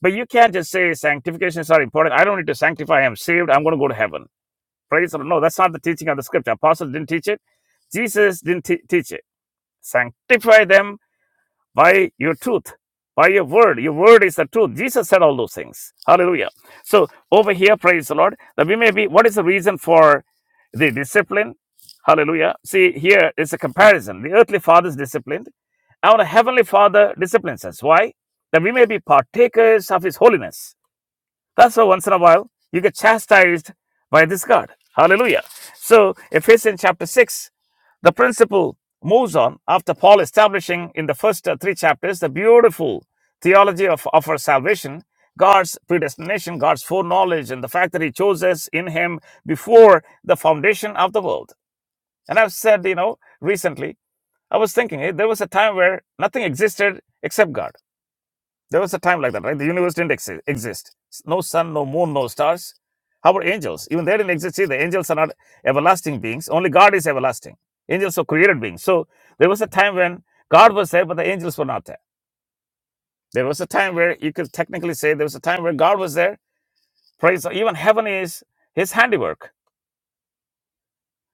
But you can't just say sanctifications are important. I don't need to sanctify. I'm saved. I'm going to go to heaven. Praise the Lord. No, that's not the teaching of the Scripture. Apostles didn't teach it. Jesus didn't te- teach it. Sanctify them by your truth, by your word. Your word is the truth. Jesus said all those things. Hallelujah. So over here, praise the Lord, that we may be, what is the reason for the discipline? Hallelujah. See, here is a comparison. The earthly father is disciplined. Our heavenly father disciplines us. Why? That we may be partakers of his holiness. That's why once in a while you get chastised by this God. Hallelujah. So Ephesians chapter 6 the principle moves on after Paul establishing in the first uh, three chapters the beautiful theology of, of our salvation, God's predestination, God's foreknowledge, and the fact that He chose us in Him before the foundation of the world. And I've said, you know, recently, I was thinking eh, there was a time where nothing existed except God. There was a time like that, right? The universe didn't ex- exist. No sun, no moon, no stars. How about angels? Even they didn't exist See, the Angels are not everlasting beings. Only God is everlasting. Angels are created beings. So there was a time when God was there, but the angels were not there. There was a time where you could technically say there was a time where God was there. Praise the- even heaven is His handiwork.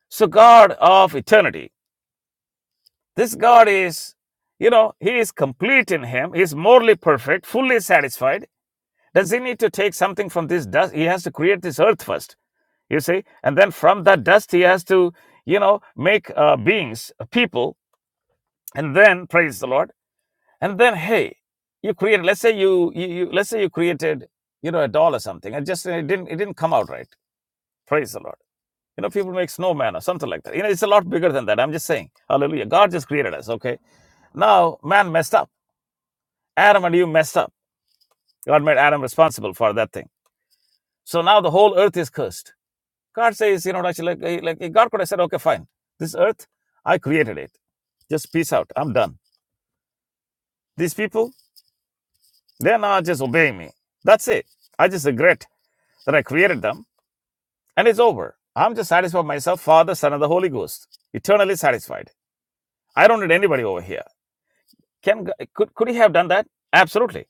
So God of eternity. This God is, you know, He is complete in Him. He is morally perfect, fully satisfied Does he need to take something from this dust? He has to create this earth first, you see? And then from that dust, he has to, you know, make uh, beings, uh, people, and then praise the Lord. And then, hey, you create, let's say you, you, you let's say you created, you know, a doll or something, and just uh, it didn't, it didn't come out right. Praise the Lord. You know, people make snowman or something like that. You know, it's a lot bigger than that. I'm just saying, hallelujah. God just created us, okay? Now, man messed up. Adam and you messed up. God made Adam responsible for that thing. So now the whole earth is cursed. God says, you know, actually, like, like God could have said, okay, fine. This earth, I created it. Just peace out. I'm done. These people, they're not just obeying me. That's it. I just regret that I created them and it's over. I'm just satisfied with myself, Father, Son, and the Holy Ghost, eternally satisfied. I don't need anybody over here. Can G- could, could he have done that? Absolutely.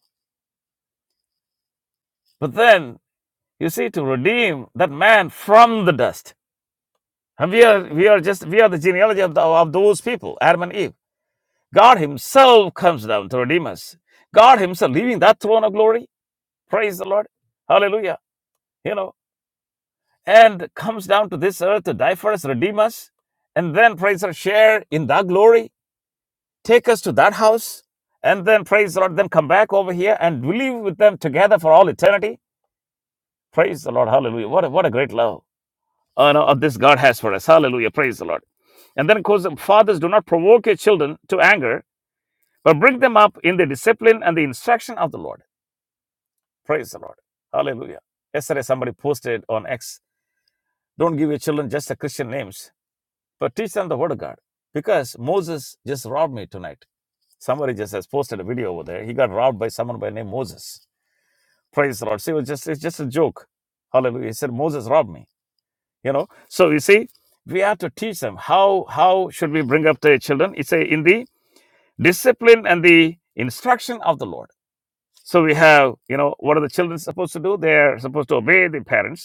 But then you see, to redeem that man from the dust, and we are we are just we are the genealogy of, the, of those people, Adam and Eve. God Himself comes down to redeem us. God Himself leaving that throne of glory. Praise the Lord. Hallelujah. You know, and comes down to this earth to die for us, redeem us, and then praise the Lord, share in that glory, take us to that house, and then praise the Lord, then come back over here and we live with them together for all eternity. Praise the Lord. Hallelujah. What a, what a great love uh, no, of this God has for us. Hallelujah. Praise the Lord. And then, of course, fathers do not provoke your children to anger, but bring them up in the discipline and the instruction of the Lord. Praise the Lord. Hallelujah. Yesterday, somebody posted on X Don't give your children just the Christian names, but teach them the Word of God. Because Moses just robbed me tonight. Somebody just has posted a video over there. He got robbed by someone by the name Moses. Praise the Lord. See, it was just, it's just a joke. Hallelujah. He said, Moses robbed me. You know, so you see, we have to teach them how how should we bring up the children. It's a, in the discipline and the instruction of the Lord. So we have, you know, what are the children supposed to do? They are supposed to obey the parents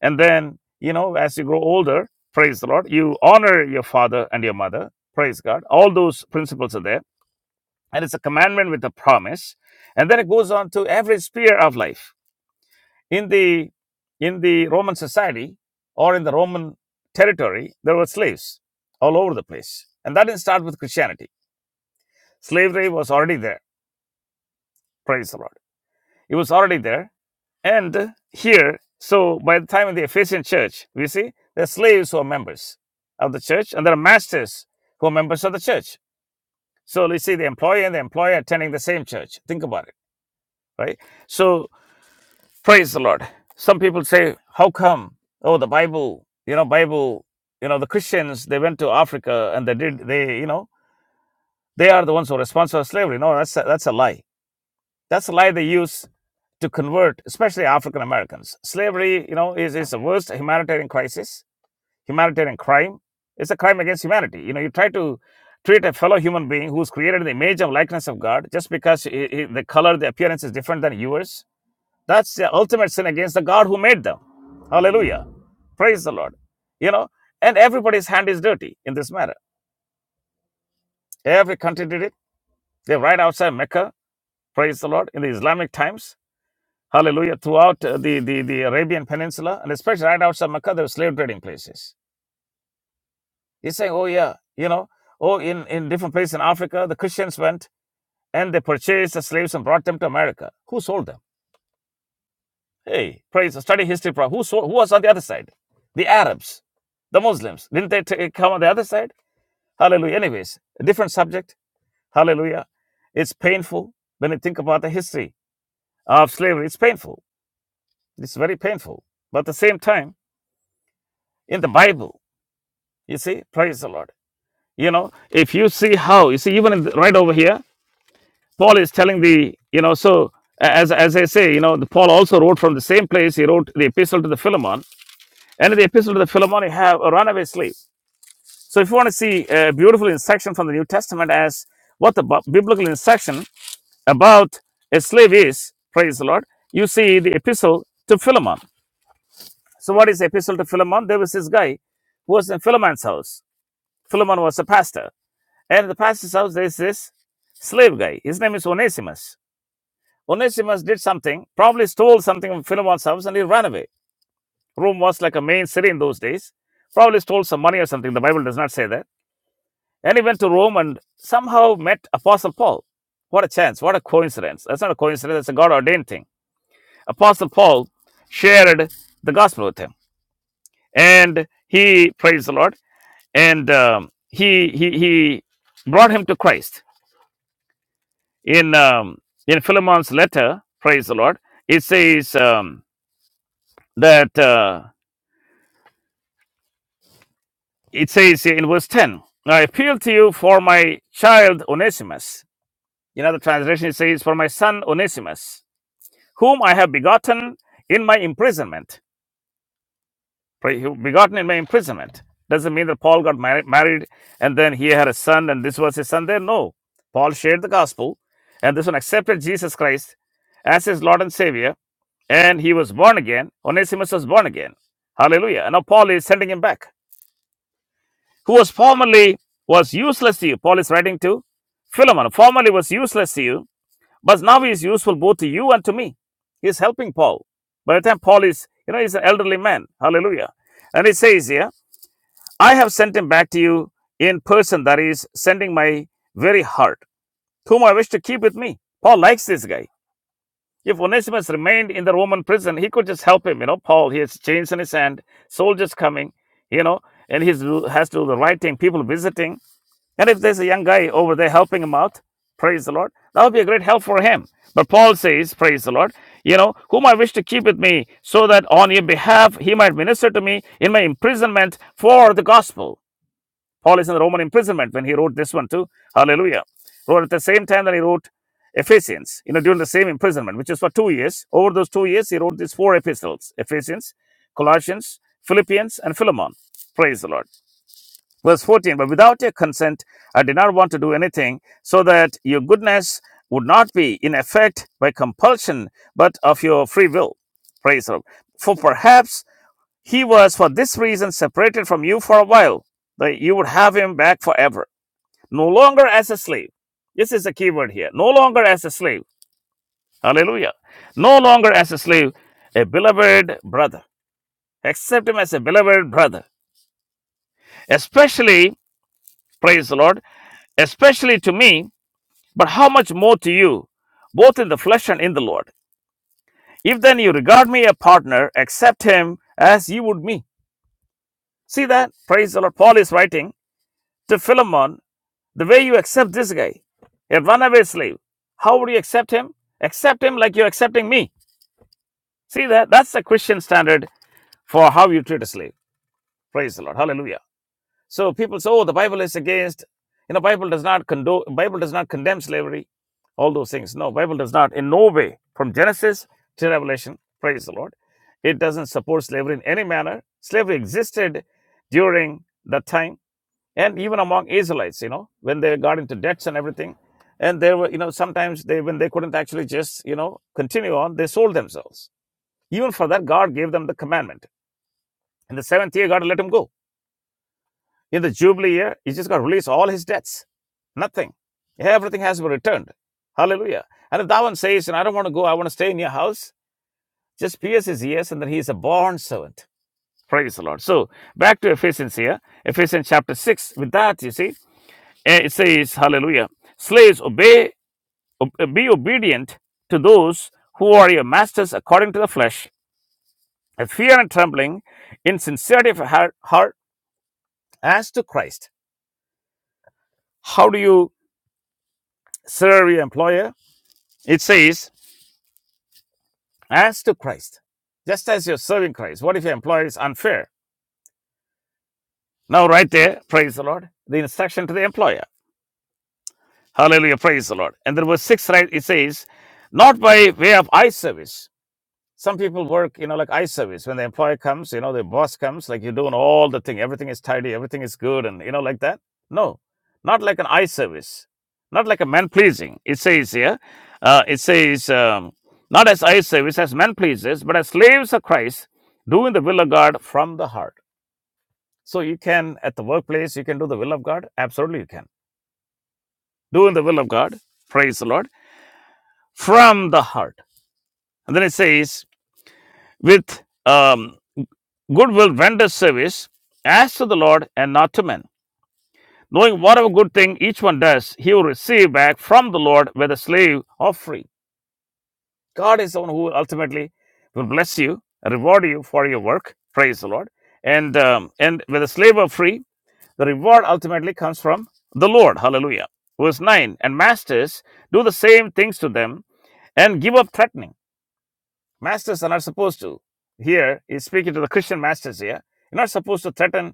And then, you know, as you grow older, praise the Lord, you honor your father and your mother, praise God. All those principles are there. And it's a commandment with a promise. And then it goes on to every sphere of life. In the in the Roman society or in the Roman territory, there were slaves all over the place. And that didn't start with Christianity. Slavery was already there, praise the Lord. It was already there And here, so by the time of the Ephesian church, we see there are slaves who are members of the church, and there are masters who are members of the church. So you see the employer and the employer attending the same church. Think about it, right? So praise the Lord. Some people say, How come? Oh, the Bible, you know, Bible, you know, the Christians, they went to Africa and they did they, you know, they are the ones who are responsible for slavery. No, that's a, that's a lie That's the lie they use to convert, especially African Americans. Slavery, you know, is, is the worst humanitarian crisis, humanitarian crime. It's a crime against humanity. You know, you try to treat a fellow human being who's created in the image and likeness of God just because he- he- the color, the appearance is different than yours. That's the ultimate sin against the God who made them. Hallelujah. Praise the Lord. You know, and everybody's hand is dirty in this matter. Every country did it. They're right outside Mecca. Praise the Lord. In the Islamic times, Hallelujah. Throughout uh, the, the, the Arabian Peninsula, and especially right outside Mecca, there were slave trading places. He's saying, oh, yeah, you know, oh, in, in different places in Africa, the Christians went and they purchased the slaves and brought them to America. Who sold them? Hey, praise, study history. pro- Who, sold, who was on the other side? The Arabs, the Muslims. Didn't they ta- come on the other side? Hallelujah. Anyways, a different subject. Hallelujah. It's painful when you think about the history of slavery. It's painful. It's very painful. But at the same time, in the Bible. You see, praise the Lord. You know, if you see how, you see, even in the- right over here, Paul is telling the, you know, so as, as I say, you know, the, Paul also wrote from the same place, he wrote the epistle to the Philemon. And in the epistle to the Philemon, you have a runaway slave. So if you want to see a beautiful instruction from the New Testament as what the bu- biblical instruction about a slave is, praise the Lord, you see the epistle to Philemon. So what is the epistle to Philemon? There was this guy who was in Philemon's house. Philemon was a pastor And the pastor's house, there's this slave guy. His name is Onesimus. Onesimus did something, probably stole something from Philemon's house, and he ran away. Rome was like a main city in those days. Probably stole some money or something. The Bible does not say that. And he went to Rome and somehow met Apostle Paul. What a chance. What a coincidence. That's not a coincidence. That's a God ordained thing. Apostle Paul shared the gospel with him. And he, praised the Lord, and um, he, he, he brought him to Christ in um, in Philemon's letter, praise the Lord, it says um, that uh, it says in verse ten, I appeal to you for my child Onesimus. In other translation, it says for my son Onesimus, whom I have begotten in my imprisonment. Pray- Begotten in my imprisonment doesn't mean that Paul got mar- married and then he had a son and this was his son. There, no. Paul shared the gospel, and this one accepted Jesus Christ as his Lord and Savior and he was born again. Onesimus was born again. Hallelujah. And now Paul is sending him back, who was formerly was useless to you. Paul is writing to Philemon, formerly was useless to you, but now he is useful both to you and to me. He is helping Paul. By the time Paul is, you know, he's an elderly man. Hallelujah. And he says here, I have sent him back to you in person, that is, sending my very heart, whom I wish to keep with me. Paul likes this guy. If Onesimus remained in the Roman prison, he could just help him. You know, Paul, he has chains in his hand, soldiers coming, you know, and he has to do the right thing, people visiting. And if there's a young guy over there helping him out, praise the Lord, that would be a great help for him. But Paul says, praise the Lord, you know, whom I wish to keep with me, so that on your behalf he might minister to me in my imprisonment for the gospel. Paul is in the Roman imprisonment when he wrote this one too. Hallelujah. Wrote at the same time that he wrote Ephesians, you know, during the same imprisonment, which is for two years. Over those two years, he wrote these four epistles Ephesians, Colossians, Philippians, and Philemon. Praise the Lord. Verse 14 But without your consent, I did not want to do anything so that your goodness would not be in effect by compulsion, but of your free will. Praise the Lord. For perhaps he was for this reason separated from you for a while, that you would have him back forever. No longer as a slave. This is the key word here. No longer as a slave. Hallelujah. No longer as a slave, a beloved brother. Accept him as a beloved brother. Especially, praise the Lord, especially to me, but how much more to you, both in the flesh and in the Lord. If then you regard me a partner, accept him as you would me. See that? Praise the Lord. Paul is writing to Philemon The way you accept this guy, a runaway slave, how would you accept him? Accept him like you're accepting me. See that? That's the Christian standard for how you treat a slave. Praise the Lord. Hallelujah. So people say, oh, the Bible is against, you know, Bible does not condone, Bible does not condemn slavery, all those things. No, Bible does not in no way from Genesis to Revelation. Praise the Lord. It doesn't support slavery in any manner. Slavery existed during that time and even among Israelites, you know, when they got into debts and everything, and they were, you know, sometimes they when they couldn't actually just, you know, continue on, they sold themselves. Even for that, God gave them the commandment. In the seventh year, God let him go. In the Jubilee year, he just got to release all his debts. Nothing. Everything has been returned. Hallelujah. And if that one says, and I don't want to go, I want to stay in your house, just pierce his ears, and then he is a born servant. Praise the Lord. So back to Ephesians here. Ephesians chapter 6. With that, you see. And it says, Hallelujah, slaves, obey, be obedient to those who are your masters according to the flesh, with fear and trembling, in sincerity of heart, heart as to Christ. How do you serve your employer? It says, as to Christ, just as you're serving Christ. What if your employer is unfair? Now, right there, praise the Lord, the instruction to the employer. Hallelujah, praise the Lord. And then verse 6, right, it says, not by way of eye service some people work, you know, like eye service. When the employer comes, you know, the boss comes, like you're doing all the thing. Everything is tidy, everything is good, and you know, like that. No, not like an eye service, not like a man pleasing. It says here, uh, it says, um, not as eye service, as man pleases, but as slaves of Christ, doing the will of God from the heart. So you can, at the workplace, you can do the will of God. Absolutely, you can. Doing the will of God, praise the Lord, from the heart. And then it says, with um, Goodwill renders service as to the Lord and not to men. Knowing whatever good thing each one does, he will receive back from the Lord, whether slave or free. God is the one who ultimately will bless you, reward you for your work. Praise the Lord. And um, and whether slave or free, the reward ultimately comes from the Lord. Hallelujah. Verse 9 And masters do the same things to them and give up threatening. Masters are not supposed to. Here, he's speaking to the Christian masters here. You're not supposed to threaten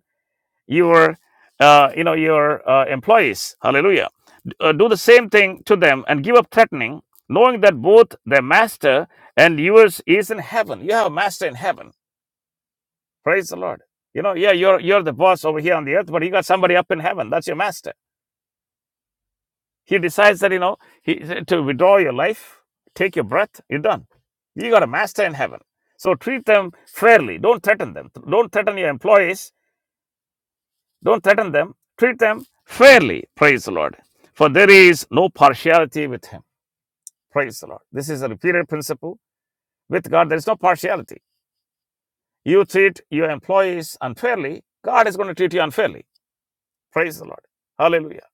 your uh, you know your uh, employees hallelujah D- uh, do the same thing to them and give up threatening knowing that both their master and yours is in heaven you have a master in heaven praise the lord you know yeah you're you're the boss over here on the earth but you got somebody up in heaven that's your master he decides that you know he to withdraw your life take your breath you're done you got a master in heaven so treat them fairly don't threaten them don't threaten your employees Don't threaten them. Treat them fairly. Praise the Lord. For there is no partiality with Him. Praise the Lord. This is a repeated principle. With God, there is no partiality. You treat your employees unfairly, God is going to treat you unfairly. Praise the Lord. Hallelujah.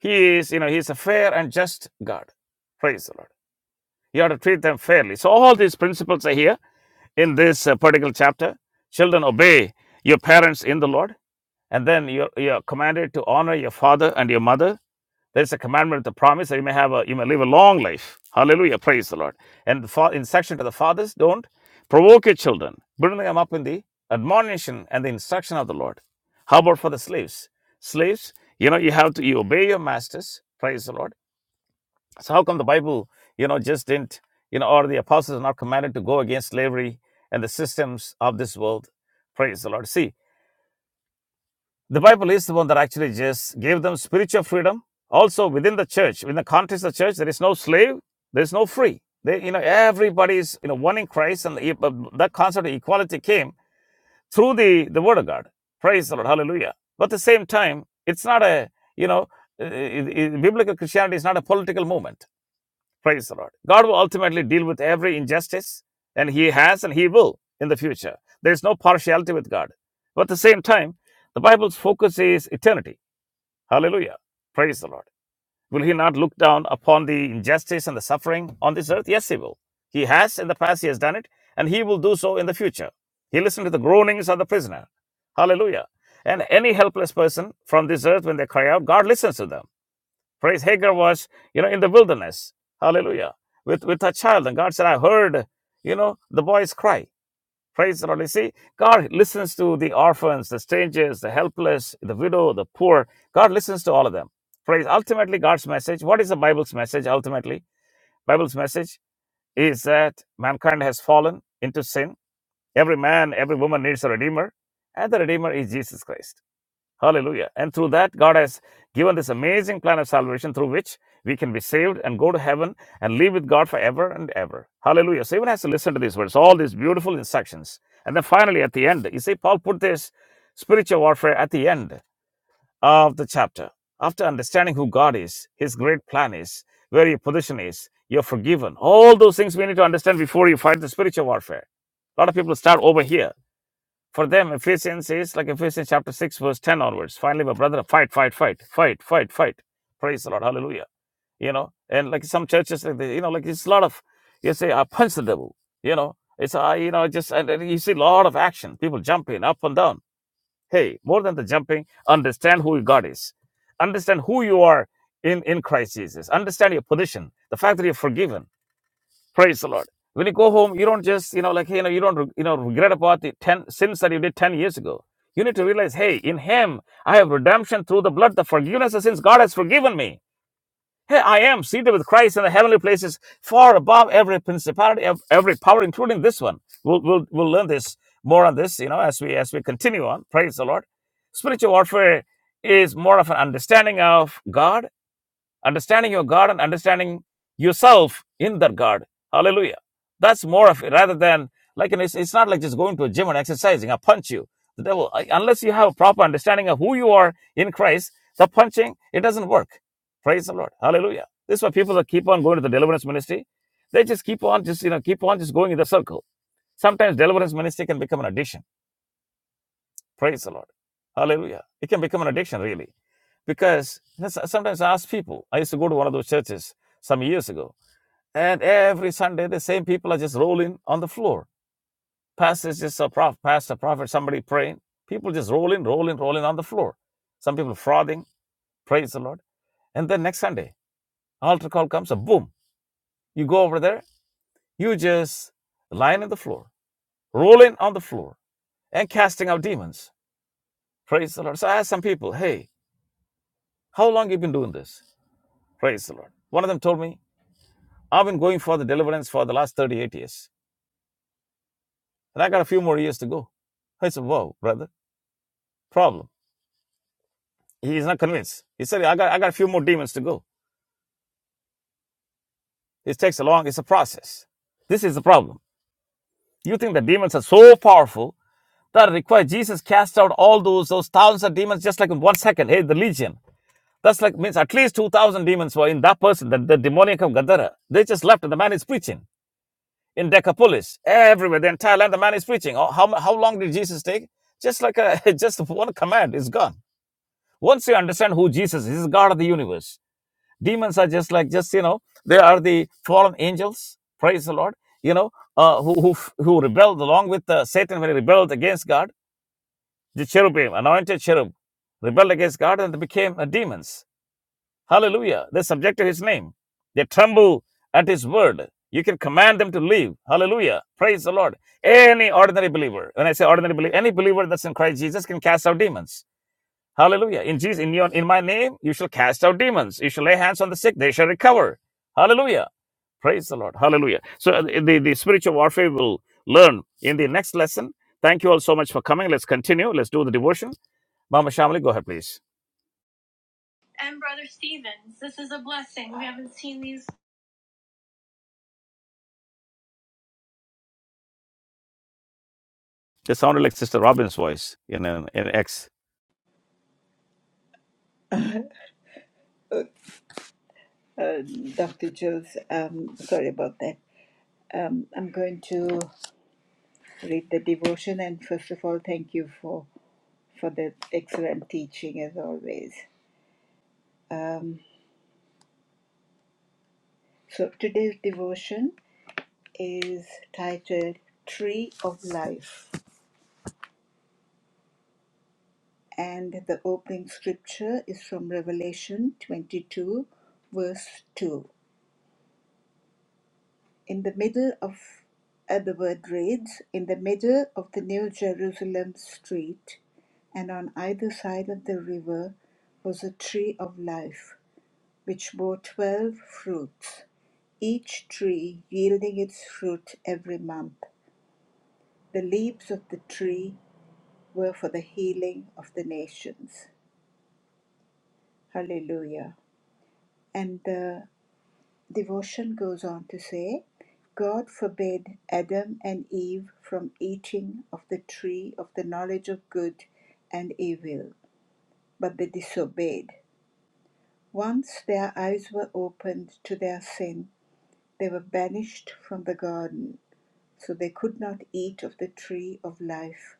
He is, you know, He is a fair and just God. Praise the Lord. You have to treat them fairly. So, all these principles are here in this uh, particular chapter. Children, obey your parents in the Lord. And then you're, you're commanded to honor your father and your mother There's a commandment, the promise that you may have a, you may live a long life. Hallelujah. Praise the Lord. And for fa- instruction to the fathers, don't provoke your children. Bring them up in the admonition and the instruction of the Lord. How about for the slaves? Slaves, you know, you have to, you obey your masters. Praise the Lord. So how come the Bible, you know, just didn't, you know, or the apostles are not commanded to go against slavery and the systems of this world? Praise the Lord. See, the Bible is the one that actually just gave them spiritual freedom. Also, within the church, within the context of the church, there is no slave, there is no free. They, you know, everybody is, you know, one in Christ, and uh, that concept of equality came through the, the Word of God. Praise the Lord, Hallelujah. But at the same time, it's not a, you know, uh, uh, uh, biblical Christianity is not a political movement. Praise the Lord. God will ultimately deal with every injustice, and He has and He will in the future. There's no partiality with God. But at the same time, the Bible's focus is eternity. Hallelujah. Praise the Lord. Will He not look down upon the injustice and the suffering on this earth? Yes, He will. He has in the past, He has done it, and He will do so in the future. He listened to the groanings of the prisoner. Hallelujah. And any helpless person from this earth, when they cry out, God listens to them. Praise Hagar was, you know, in the wilderness. Hallelujah. With with her child. And God said, I heard, you know, the boys cry. Praise the Lord. You see, God listens to the orphans, the strangers, the helpless, the widow, the poor. God listens to all of them. Praise ultimately God's message. What is the Bible's message ultimately? Bible's message is that mankind has fallen into sin. Every man, every woman needs a redeemer, and the redeemer is Jesus Christ. Hallelujah. And through that, God has given this amazing plan of salvation through which we can be saved and go to heaven and live with God forever and ever. Hallelujah. So even has to listen to these words, all these beautiful instructions. And then finally, at the end, you see, Paul put this spiritual warfare at the end of the chapter. After understanding who God is, His great plan is, where your position is, you're forgiven. All those things we need to understand before you fight the spiritual warfare. A lot of people start over here for them, Ephesians is like Ephesians chapter 6, verse 10 onwards. Finally, my brother, fight, fight, fight, fight, fight, fight. Praise the Lord. Hallelujah. You know, and like some churches, like they, you know, like it's a lot of, you say, I punch the devil. You know, it's, I, you know, just, and, and you see a lot of action. People jumping up and down. Hey, more than the jumping, understand who God is. Understand who you are in, in Christ Jesus. Understand your position. The fact that you're forgiven Praise the Lord. When you go home, you don't just, you know, like, hey, you know, you don't, you know, regret about the 10 sins that you did 10 years ago. You need to realize, hey, in Him, I have redemption through the blood, the forgiveness of sins. God has forgiven me. Hey, I am seated with Christ in the heavenly places, far above every principality, ev- every power, including this one. We'll, we'll, we'll learn this more on this, you know, as we as we continue on. Praise the Lord. Spiritual warfare is more of an understanding of God understanding your God and understanding yourself in that God. Hallelujah. That's more of it rather than like, and it's, it's not like just going to a gym and exercising. I punch you. The devil, unless you have a proper understanding of who you are in Christ, the punching, it doesn't work. Praise the Lord. Hallelujah. This is why people that keep on going to the deliverance ministry, they just keep on just, you know, keep on just going in the circle. Sometimes deliverance ministry can become an addiction Praise the Lord. Hallelujah. It can become an addiction, really. Because so- sometimes I ask people, I used to go to one of those churches some years ago, and every Sunday the same people are just rolling on the floor. Pastors just a prof, pastor, prophet, somebody praying. People just rolling, rolling, rolling on the floor. Some people frothing, praise the Lord. And then next Sunday, altar call comes, a boom. You go over there, you just lying on the floor, rolling on the floor, and casting out demons. Praise the Lord. So I asked some people, hey, how long you been doing this? Praise the Lord. One of them told me, I've been going for the deliverance for the last 38 years, and I got a few more years to go. I said, Whoa, brother, problem. He's not convinced. He said, I got, I got a few more demons to go. It takes a long, it's a process. This is the problem. You think the demons are so powerful that require Jesus cast out all those, those thousands of demons just like in one second. Hey, the legion. That's like means at least 2,000 demons were in that person, the, the demoniac of Gadara. They just left and the man is preaching. in Decapolis, everywhere, the entire land the man is preaching. How, how, how long did Jesus take? Just like a, just one command is gone. Once you understand who Jesus is, he's God of the universe. Demons are just like, just, you know, they are the fallen angels, praise the Lord, you know, uh, who, who, who rebelled along with uh, Satan when he rebelled against God. The cherubim, anointed cherub, rebelled against God and they became uh, demons. Hallelujah. They subject to his name. They tremble at his word. You can command them to leave. Hallelujah. Praise the Lord. Any ordinary believer, when I say ordinary believer, any believer that's in Christ Jesus can cast out demons. Hallelujah. In Jesus, in your in my name, you shall cast out demons. You shall lay hands on the sick, they shall recover. Hallelujah. Praise the Lord. Hallelujah. So uh, the, the spiritual warfare will learn in the next lesson. Thank you all so much for coming. Let's continue. Let's do the devotion. Mama Shamali, go ahead, please. And Brother Stevens, this is a blessing. We haven't seen these. It sounded like Sister Robin's voice in an in X. Uh, uh, Dr. Jules, um, sorry about that. Um, I'm going to read the devotion, and first of all, thank you for for the excellent teaching as always. Um, so today's devotion is titled "Tree of Life." And the opening scripture is from Revelation 22, verse 2. In the middle of, uh, the word reads, in the middle of the New Jerusalem street, and on either side of the river was a tree of life, which bore twelve fruits, each tree yielding its fruit every month. The leaves of the tree were for the healing of the nations. Hallelujah. And the Devotion goes on to say, God forbade Adam and Eve from eating of the tree of the knowledge of good and evil, but they disobeyed. Once their eyes were opened to their sin, they were banished from the garden, so they could not eat of the tree of life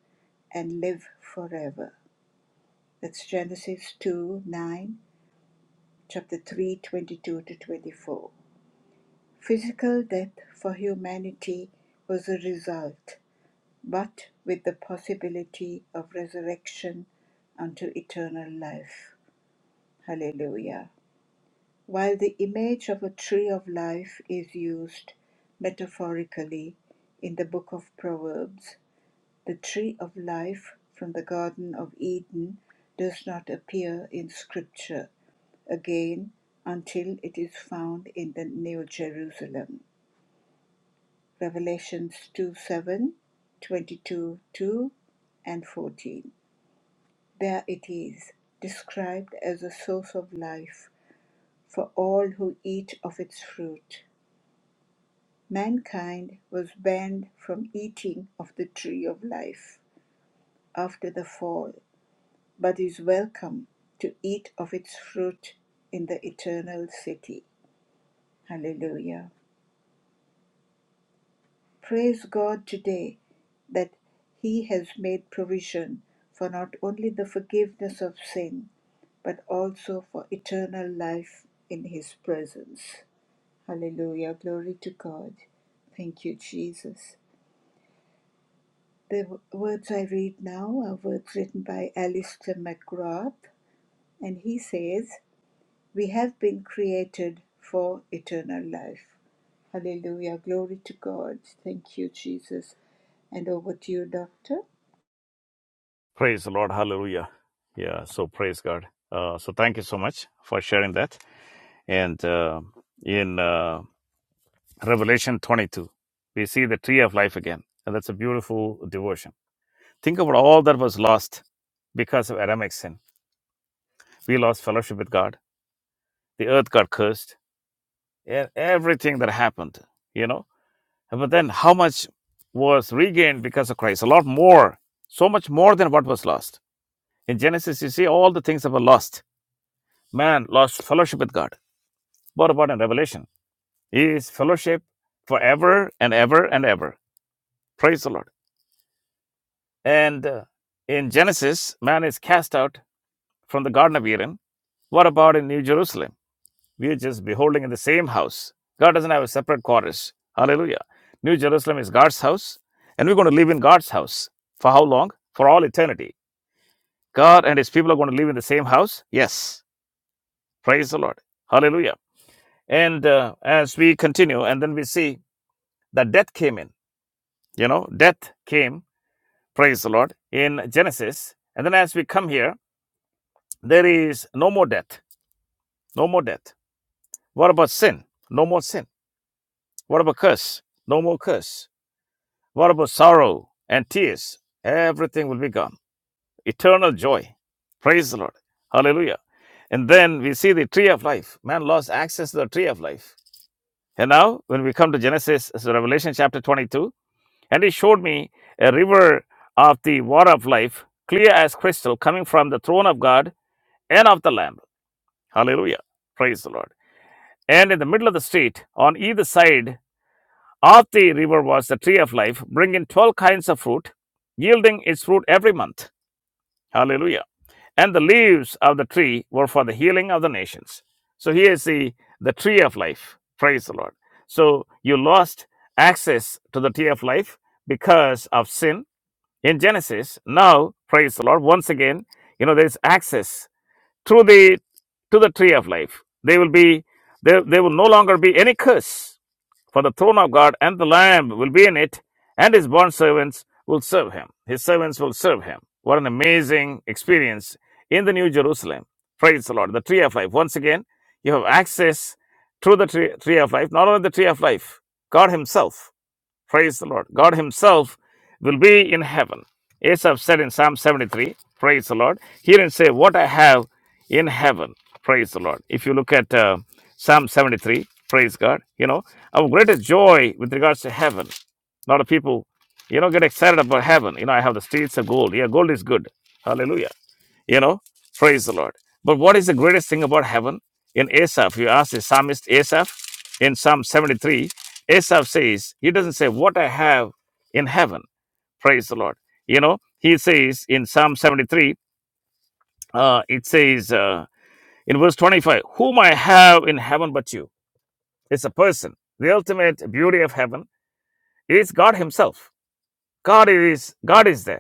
and live forever. That's Genesis 2 9, chapter 3:22 to 24. Physical death for humanity was a result, but with the possibility of resurrection unto eternal life. Hallelujah. While the image of a tree of life is used metaphorically in the book of Proverbs, the tree of life from the Garden of Eden does not appear in Scripture again until it is found in the New Jerusalem. Revelations 2 7, twenty-two 2, and 14. There it is, described as a source of life for all who eat of its fruit. Mankind was banned from eating of the tree of life after the fall, but is welcome to eat of its fruit in the eternal city. Hallelujah. Praise God today that He has made provision for not only the forgiveness of sin, but also for eternal life in His presence. Hallelujah. Glory to God. Thank you, Jesus. The words I read now are words written by Alistair McGrath, and he says, We have been created for eternal life. Hallelujah. Glory to God. Thank you, Jesus. And over to you, Doctor. Praise the Lord. Hallelujah. Yeah. So praise God. Uh, so thank you so much for sharing that. And uh, in uh, Revelation 22, we see the tree of life again. And that's a beautiful devotion. Think about all that was lost because of Adamic sin. We lost fellowship with God. The earth got cursed. And everything that happened, you know. But then how much was regained because of Christ? A lot more. So much more than what was lost. In Genesis, you see all the things that were lost Man lost fellowship with God. What about in revelation. His fellowship forever and ever and ever. Praise the Lord. And uh, in Genesis, man is cast out from the Garden of Eden. What about in New Jerusalem? We are just beholding in the same house. God doesn't have a separate quarters. Hallelujah. New Jerusalem is God's house, and we're going to live in God's house. For how long? For all eternity. God and his people are going to live in the same house? Yes. Praise the Lord. Hallelujah. And uh, as we continue, and then we see The death came in. You know, death came, praise the Lord, in Genesis. And then as we come here, there is no more death. No more death. What about sin? No more sin. What about curse? No more curse. What about sorrow and tears? Everything will be gone. Eternal joy. Praise the Lord. Hallelujah. And then we see the tree of life. Man lost access to the tree of life. And now, when we come to Genesis, so Revelation chapter 22, And he showed me a river of the water of life, clear as crystal, coming from the throne of God and of the Lamb. Hallelujah. Praise the Lord. And in the middle of the street, on either side of the river, was the tree of life, bringing 12 kinds of fruit, yielding its fruit every month. Hallelujah and the leaves of the tree were for the healing of the nations. So here is the, the tree of life. Praise the Lord. So you lost access to the tree of life because of sin in Genesis. Now, praise the Lord, once again, you know, there is access through the to the tree of life. They will be there there will no longer be any curse, for the throne of God and the Lamb will be in it, and his bond servants will serve him. His servants will serve him. What an amazing experience in the New Jerusalem. Praise the Lord. The tree of life. Once again, you have access through the tree, tree of life, not only the tree of life, God Himself. Praise the Lord. God Himself will be in heaven. Asaph said in Psalm 73, Praise the Lord. He didn't say, What I have in heaven. Praise the Lord. If you look at uh, Psalm 73, praise God. You know, our greatest joy with regards to heaven. A lot of people, you know, get excited about heaven. You know, I have the streets of gold. Yeah, gold is good. Hallelujah. You know, praise the Lord. But what is the greatest thing about heaven? In Asaph, you ask the psalmist Asaph in Psalm 73, Asaph says, he doesn't say, What I have in heaven. Praise the Lord. You know, he says in Psalm 73, uh, it says uh, in verse 25, Whom I have in heaven but you. It's a person. The ultimate beauty of heaven is God Himself. God is God is there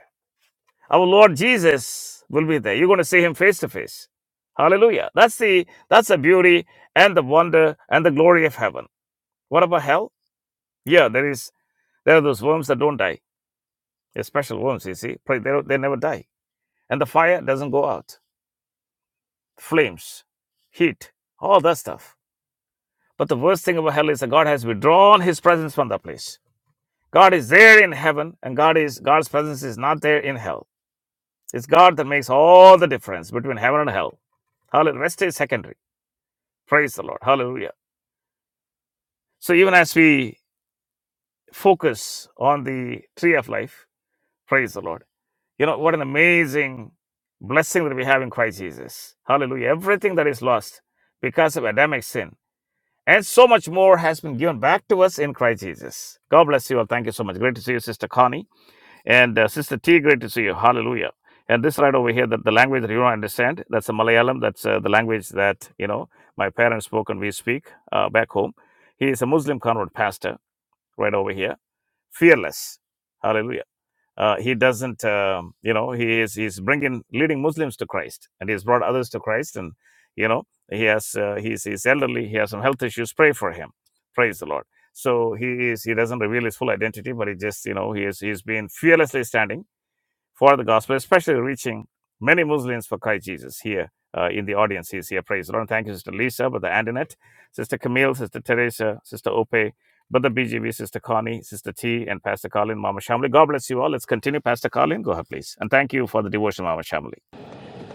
Our Lord Jesus will be there. You're going to see him face to face. Hallelujah. That's the that's the beauty and the wonder and the glory of heaven. What about hell? Yeah, there is there are those worms that don't die. They're special worms, you see. Pray- They, don't- they never die. And the fire doesn't go out. Flames, heat, all that stuff. But the worst thing about hell is that God has withdrawn his presence from that place. God is there in heaven, and God is God's presence is not there in hell. It's God that makes all the difference between heaven and hell. Hallelujah. Rest is secondary. Praise the Lord. Hallelujah. So even as we focus on the tree of life, praise the Lord. You know, what an amazing blessing that we have in Christ Jesus. Hallelujah. Everything that is lost because of Adamic sin. And so much more has been given back to us in Christ Jesus. God bless you all. Thank you so much. Great to see you, Sister Connie. And uh, Sister T, great to see you. Hallelujah. And this right over here, that the language that you don't understand, that's the Malayalam. That's uh, the language that, you know, my parents spoke and we speak uh, back home. He is a Muslim convert pastor right over here. Fearless. Hallelujah. Uh, he doesn't, um, you know, he is he's bringing, leading Muslims to Christ. And he's brought others to Christ. And, you know, he has, uh, he's, he's elderly. He has some health issues. Pray for him. Praise the Lord. So he is, he doesn't reveal his full identity, but he just, you know, he is, he's been fearlessly standing for the gospel, especially reaching many Muslims for Christ Jesus here uh, in the audience. He's here. Praise the Lord. Thank you, Sister Lisa, Brother Antoinette, Sister Camille, Sister Teresa, Sister Ope, Brother BGV, Sister Connie, Sister T, and Pastor Colin, Mama Shamli. God bless you all. Let's continue. Pastor Colin, go ahead, please. And thank you for the devotion, Mama Shamli.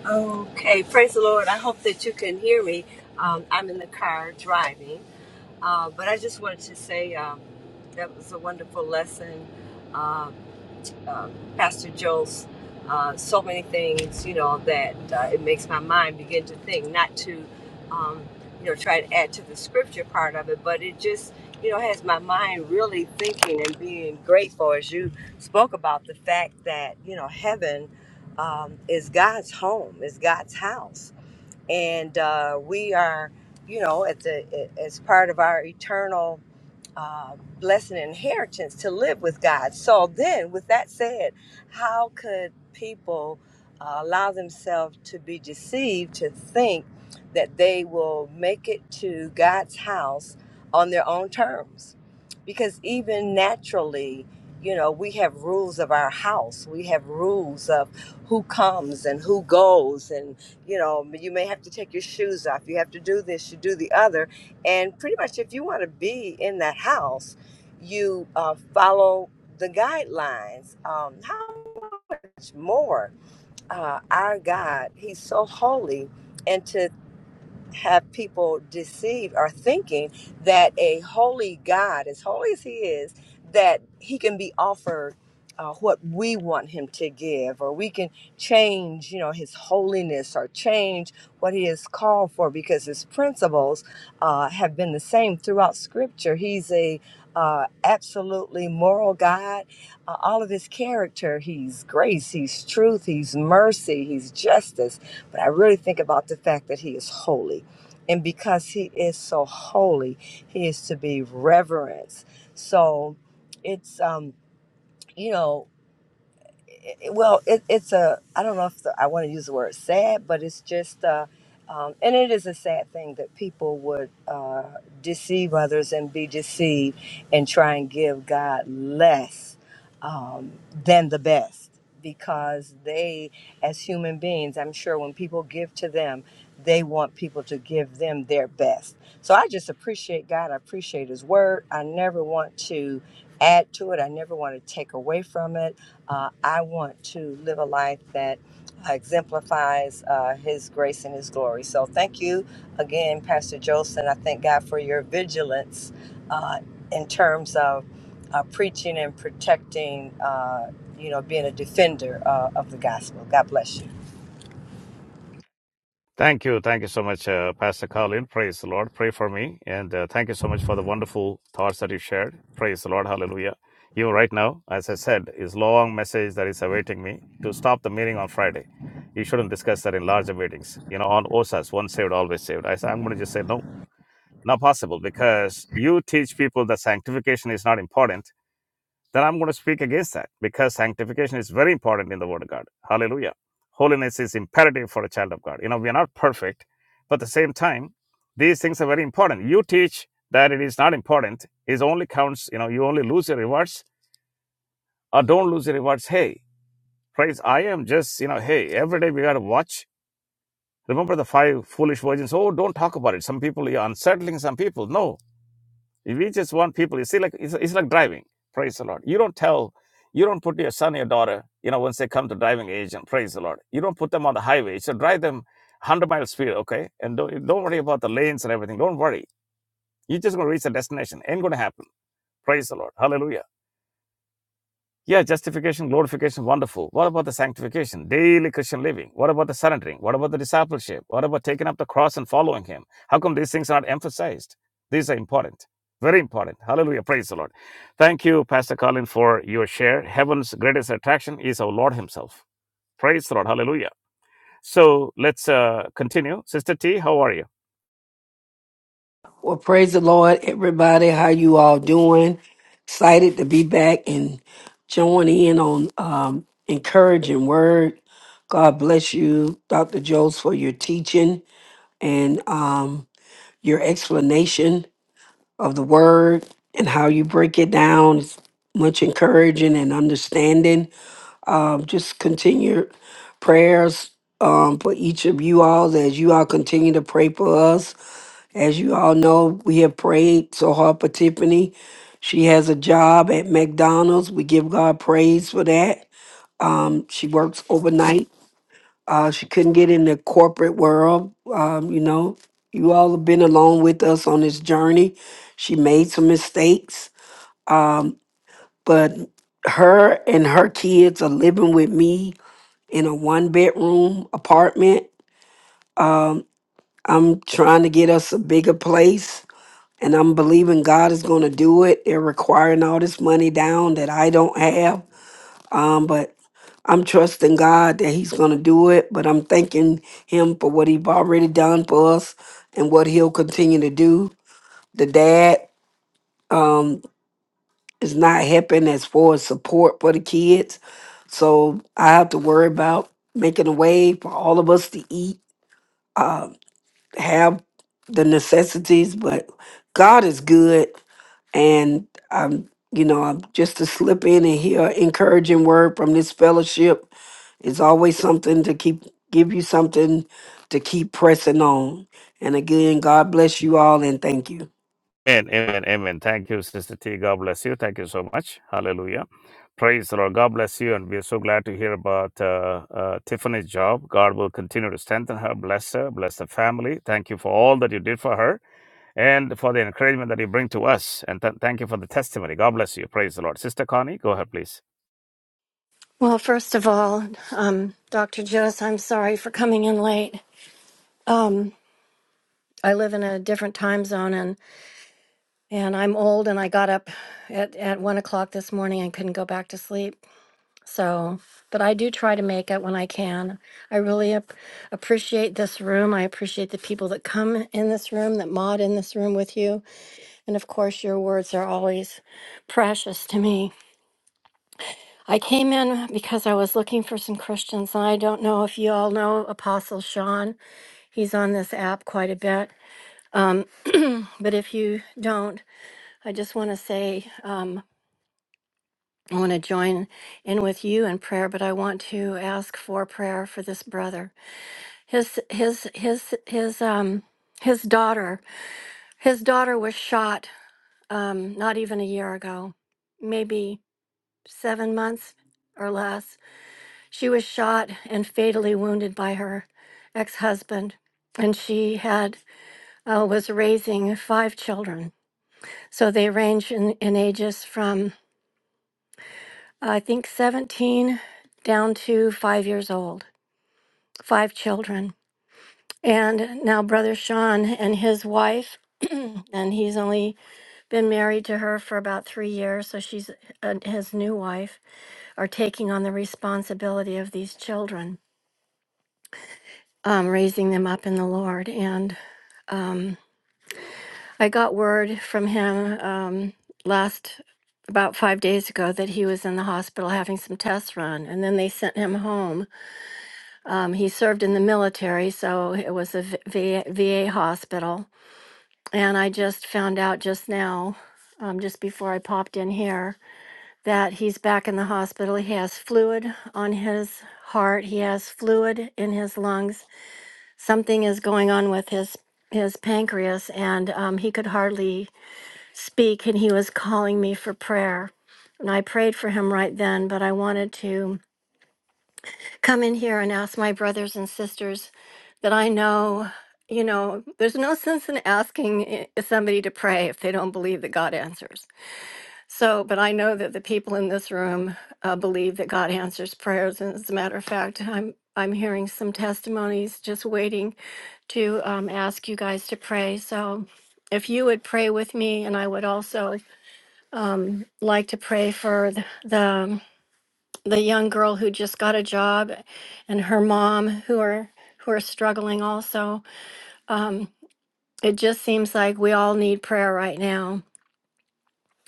Okay, praise the Lord. I hope that you can hear me. Um, I'm in the car driving, uh, but I just wanted to say um, that was a wonderful lesson. Um, um, Pastor Joel's uh, so many things, you know, that uh, it makes my mind begin to think, not to, um, you know, try to add to the scripture part of it, but it just, you know, has my mind really thinking and being grateful as you spoke about the fact that, you know, heaven um, is God's home, is God's house. And uh, we are, you know, at the, as part of our eternal uh, blessing and inheritance to live with God. So then, with that said, how could people uh, allow themselves to be deceived to think that they will make it to God's house on their own terms? Because even naturally, you know, we have rules of our house. We have rules of who comes and who goes. And, you know, you may have to take your shoes off. You have to do this, you do the other and pretty much, if you want to be in that house, you uh, follow the guidelines. Um, how much more uh, our God? He's so holy, and to have people deceived or thinking that a holy God, as holy as He is, that He can be offered uh, what we want Him to give, or we can change, you know, His holiness or change what He is called for, because His principles uh, have been the same throughout Scripture. He's a uh, absolutely moral God. Uh, all of his character, he's grace, he's truth, he's mercy, he's justice. But I really think about the fact that he is holy and because he is so holy he is to be reverenced so it's um you know it- well, it, it's a, I don't know if the, I want to use the word sad, but it's just, uh, um, and it is a sad thing that people would uh, deceive others and be deceived and try and give God less um, than the best because they, as human beings, I'm sure when people give to them, they want people to give them their best. So I just appreciate God. I appreciate His word. I never want to add to it, I never want to take away from it. Uh, I want to live a life that uh, exemplifies uh, His grace and His glory. So thank you again, Pastor Jolson. I thank God for your vigilance uh, in terms of uh, preaching and protecting, uh, you know, being a defender uh, of the gospel. God bless you. Thank you. Thank you so much, uh, Pastor Colin. Praise the Lord. Pray for me. And uh, thank you so much for the wonderful thoughts that you shared. Praise the Lord. Hallelujah. You right now, as I said, is long message that is awaiting me to stop the meeting on Friday. You shouldn't discuss that in larger meetings. You know, on OSAS, once saved, always saved. I said, I'm going to just say no, not possible because you teach people that sanctification is not important then I'm going to speak against that because sanctification is very important in the Word of God. Hallelujah. Holiness is imperative for a child of God. You know, we are not perfect, but at the same time, these things are very important. You teach that it is not important, it only counts, you know, you only lose your rewards or don't lose your rewards. Hey, praise, I am just, you know, hey, every day we got to watch. Remember the five foolish virgins? Oh, don't talk about it. Some people, you're unsettling some people. No, if you just want people, you see, like it's, it's like driving. Praise the Lord. You don't tell, you don't put your son, your daughter, you know, once they come to driving age, and praise the Lord. You don't put them on the highway. You should drive them 100 miles speed, okay? And don't, don't worry about the lanes and everything. Don't worry. You're just going to reach the destination. Ain't going to happen. Praise the Lord. Hallelujah. Yeah, justification, glorification, wonderful. What about the sanctification, daily Christian living? What about the surrendering? What about the discipleship? What about taking up the cross and following Him? How come these things are not emphasized? These are important, very important. Hallelujah. Praise the Lord. Thank you, Pastor Colin, for your share. Heaven's greatest attraction is our Lord Himself. Praise the Lord. Hallelujah. So let's uh, continue. Sister T, how are you? Well, praise the Lord, everybody. How you all doing? Excited to be back and join in on um, encouraging word. God bless you, Dr. Jones, for your teaching and um, your explanation of the word and how you break it down. It's much encouraging and understanding. Um, just continue prayers um, for each of you all as you all continue to pray for us as you all know, we have prayed so hard for Tiffany. She has a job at McDonald's. We give God praise for that. Um, she works overnight. Uh, she couldn't get in the corporate world. Um, you know, you all have been along with us on this journey. She made some mistakes, um, but her and her kids are living with me in a one bedroom apartment. Um, I'm trying to get us a bigger place and I'm believing God is going to do it. They're requiring all this money down that I don't have, um, but I'm trusting God that He's going to do it. But I'm thanking Him for what He's already done for us and what He'll continue to do. The dad um, is not helping as far as support for the kids, so I have to worry about making a way for all of us to eat. um, have the necessities, but God is good. And I'm, you know, I'm just to slip in and hear an encouraging word from this fellowship is always something to keep, give you something to keep pressing on. And again, God bless you all and thank you. Amen, amen, amen. Thank you, Sister T. God bless you. Thank you so much. Hallelujah. Praise the Lord. God bless you. And we're so glad to hear about uh, uh, Tiffany's job. God will continue to strengthen her, bless her, bless the family. Thank you for all that you did for her and for the encouragement that you bring to us. And th- thank you for the testimony. God bless you. Praise the Lord. Sister Connie, go ahead, please. Well, first of all, um, Dr. Jost, I'm sorry for coming in late. Um, I live in a different time zone and, and I'm old and I got up at, at one o'clock this morning and couldn't go back to sleep. So, but I do try to make it when I can. I really ap- appreciate this room. I appreciate the people that come in this room, that mod in this room with you. And of course, your words are always precious to me. I came in because I was looking for some Christians, and I don't know if you all know Apostle Sean. He's on this app quite a bit. Um, but if you don't, I just want to say um, I want to join in with you in prayer, but I want to ask for prayer for this brother. His his his his um his daughter his daughter was shot um, not even a year ago, maybe seven months or less She was shot and fatally wounded by her ex-husband, and she had uh, was raising five children. So they range in, in ages from I think 17 down to five years old. Five children, and now brother Sean and his wife. and he's only been married to her for about three years, so she's uh, his new wife are taking on the responsibility of these children, um, raising them up in the Lord. And I got word from him um, last about five days ago that he was in the hospital having some tests run, and then they sent him home. Um, he served in the military, so it was a v- VA hospital. And I just found out just now, um, just before I popped in here, that he's back in the hospital. He has fluid on his heart, he has fluid in his lungs. Something is going on with his his pancreas and um, he could hardly speak and he was calling me for prayer. And I prayed for him right then, but I wanted to come in here and ask my brothers and sisters that I know, you know, there's no sense in asking i- somebody to pray if they don't believe that God answers. So, but I know that the people in this room uh, believe that God answers prayers. And as a matter of fact, I'm I'm hearing some testimonies just waiting to um, ask you guys to pray. So if you would pray with me, and I would also um, like to pray for the, the the young girl who just got a job, and her mom who are who are struggling also. Um, it just seems like we all need prayer right now.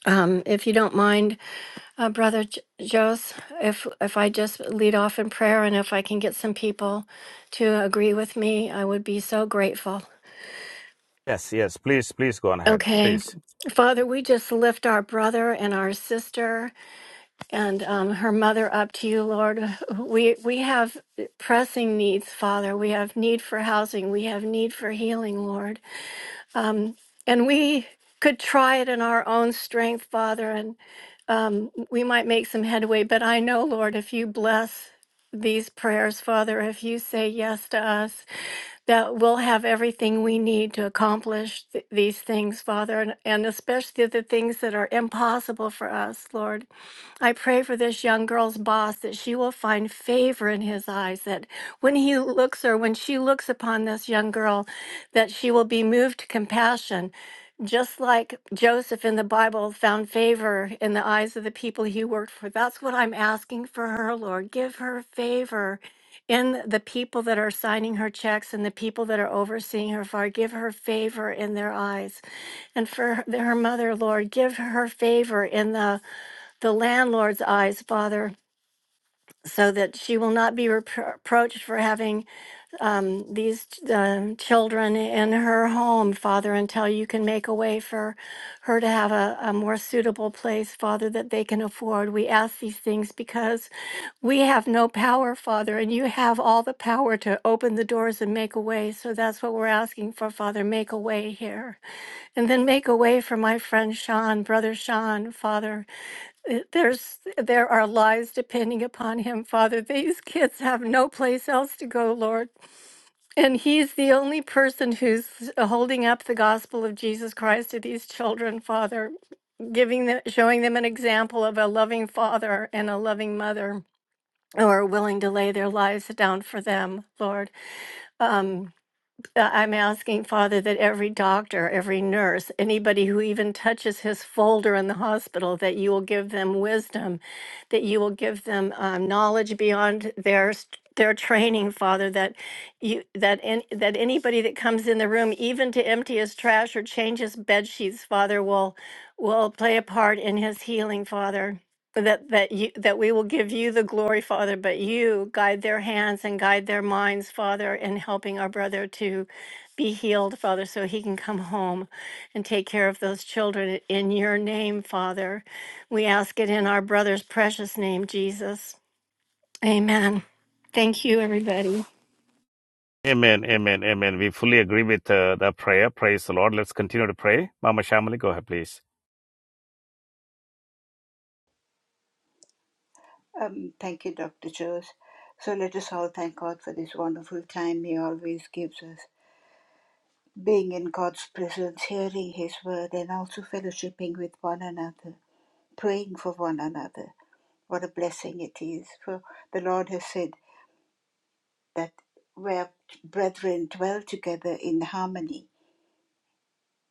Um, if you don't mind, uh, Brother J- Jos, if if I just lead off in prayer, and if I can get some people to agree with me, I would be so grateful. Yes, yes. Please, please go on ahead. Okay, Please. Father, we just lift our brother and our sister. and um, her mother up to you, Lord. We we have pressing needs, Father. We have need for housing. We have need for healing, Lord. And we could try it in our own strength, Father, and we might make some headway. But I know, Lord, if you bless these prayers, Father, if you say yes to us, that we'll have everything we need to accomplish th- these things, Father, and, and especially the things that are impossible for us, Lord. I pray for this young girl's boss that she will find favor in his eyes, that when he looks or when she looks upon this young girl, that she will be moved to compassion. Just like Joseph in the Bible found favor in the eyes of the people he worked for. That's what I'm asking for her, Lord. Give her favor in the people that are signing her checks and the people that are overseeing her, Father, give her favor in their eyes. And for her her mother, Lord, give her favor in the, the landlord's eyes, Father, so that she will not be repro- reproached for having um, these um, children in her home, Father, until you can make a way for her to have a, a more suitable place, Father, that they can afford. We ask these things because we have no power, Father, and you have all the power to open the doors and make a way. So that's what we're asking for, Father. Make a way here. And then make a way for my friend Sean, brother Sean, Father. Uh, There's there are lives depending upon him, Father. These kids have no place else to go, Lord. And he's the only person who's uh, holding up the gospel of Jesus Christ to these children, Father, giving them, showing them an example of a loving father and a loving mother who are willing to lay their lives down for them, Lord. Um, uh, I'm asking, Father, that every doctor, every nurse, anybody who even touches his folder in the hospital, that you will give them wisdom, that you will give them um, knowledge beyond their st- their training, Father. That you that in, that anybody that comes in the room, even to empty his trash or change his bed sheets, Father, will will play a part in his healing, Father but that that you that we will give you the glory father but you guide their hands and guide their minds father in helping our brother to be healed father so he can come home and take care of those children in your name father we ask it in our brother's precious name jesus amen thank you everybody Amen, amen, amen. We fully agree with uh, the prayer. Praise the Lord. Let's continue to pray. Mama Shamali, go ahead, please. Um, thank you, Dr. Chose. So let us all thank God for this wonderful time He always gives us. Being in God's presence, hearing His word, and also fellowshipping with one another, praying for one another. What a blessing it is. For the Lord has said that where brethren dwell together in harmony,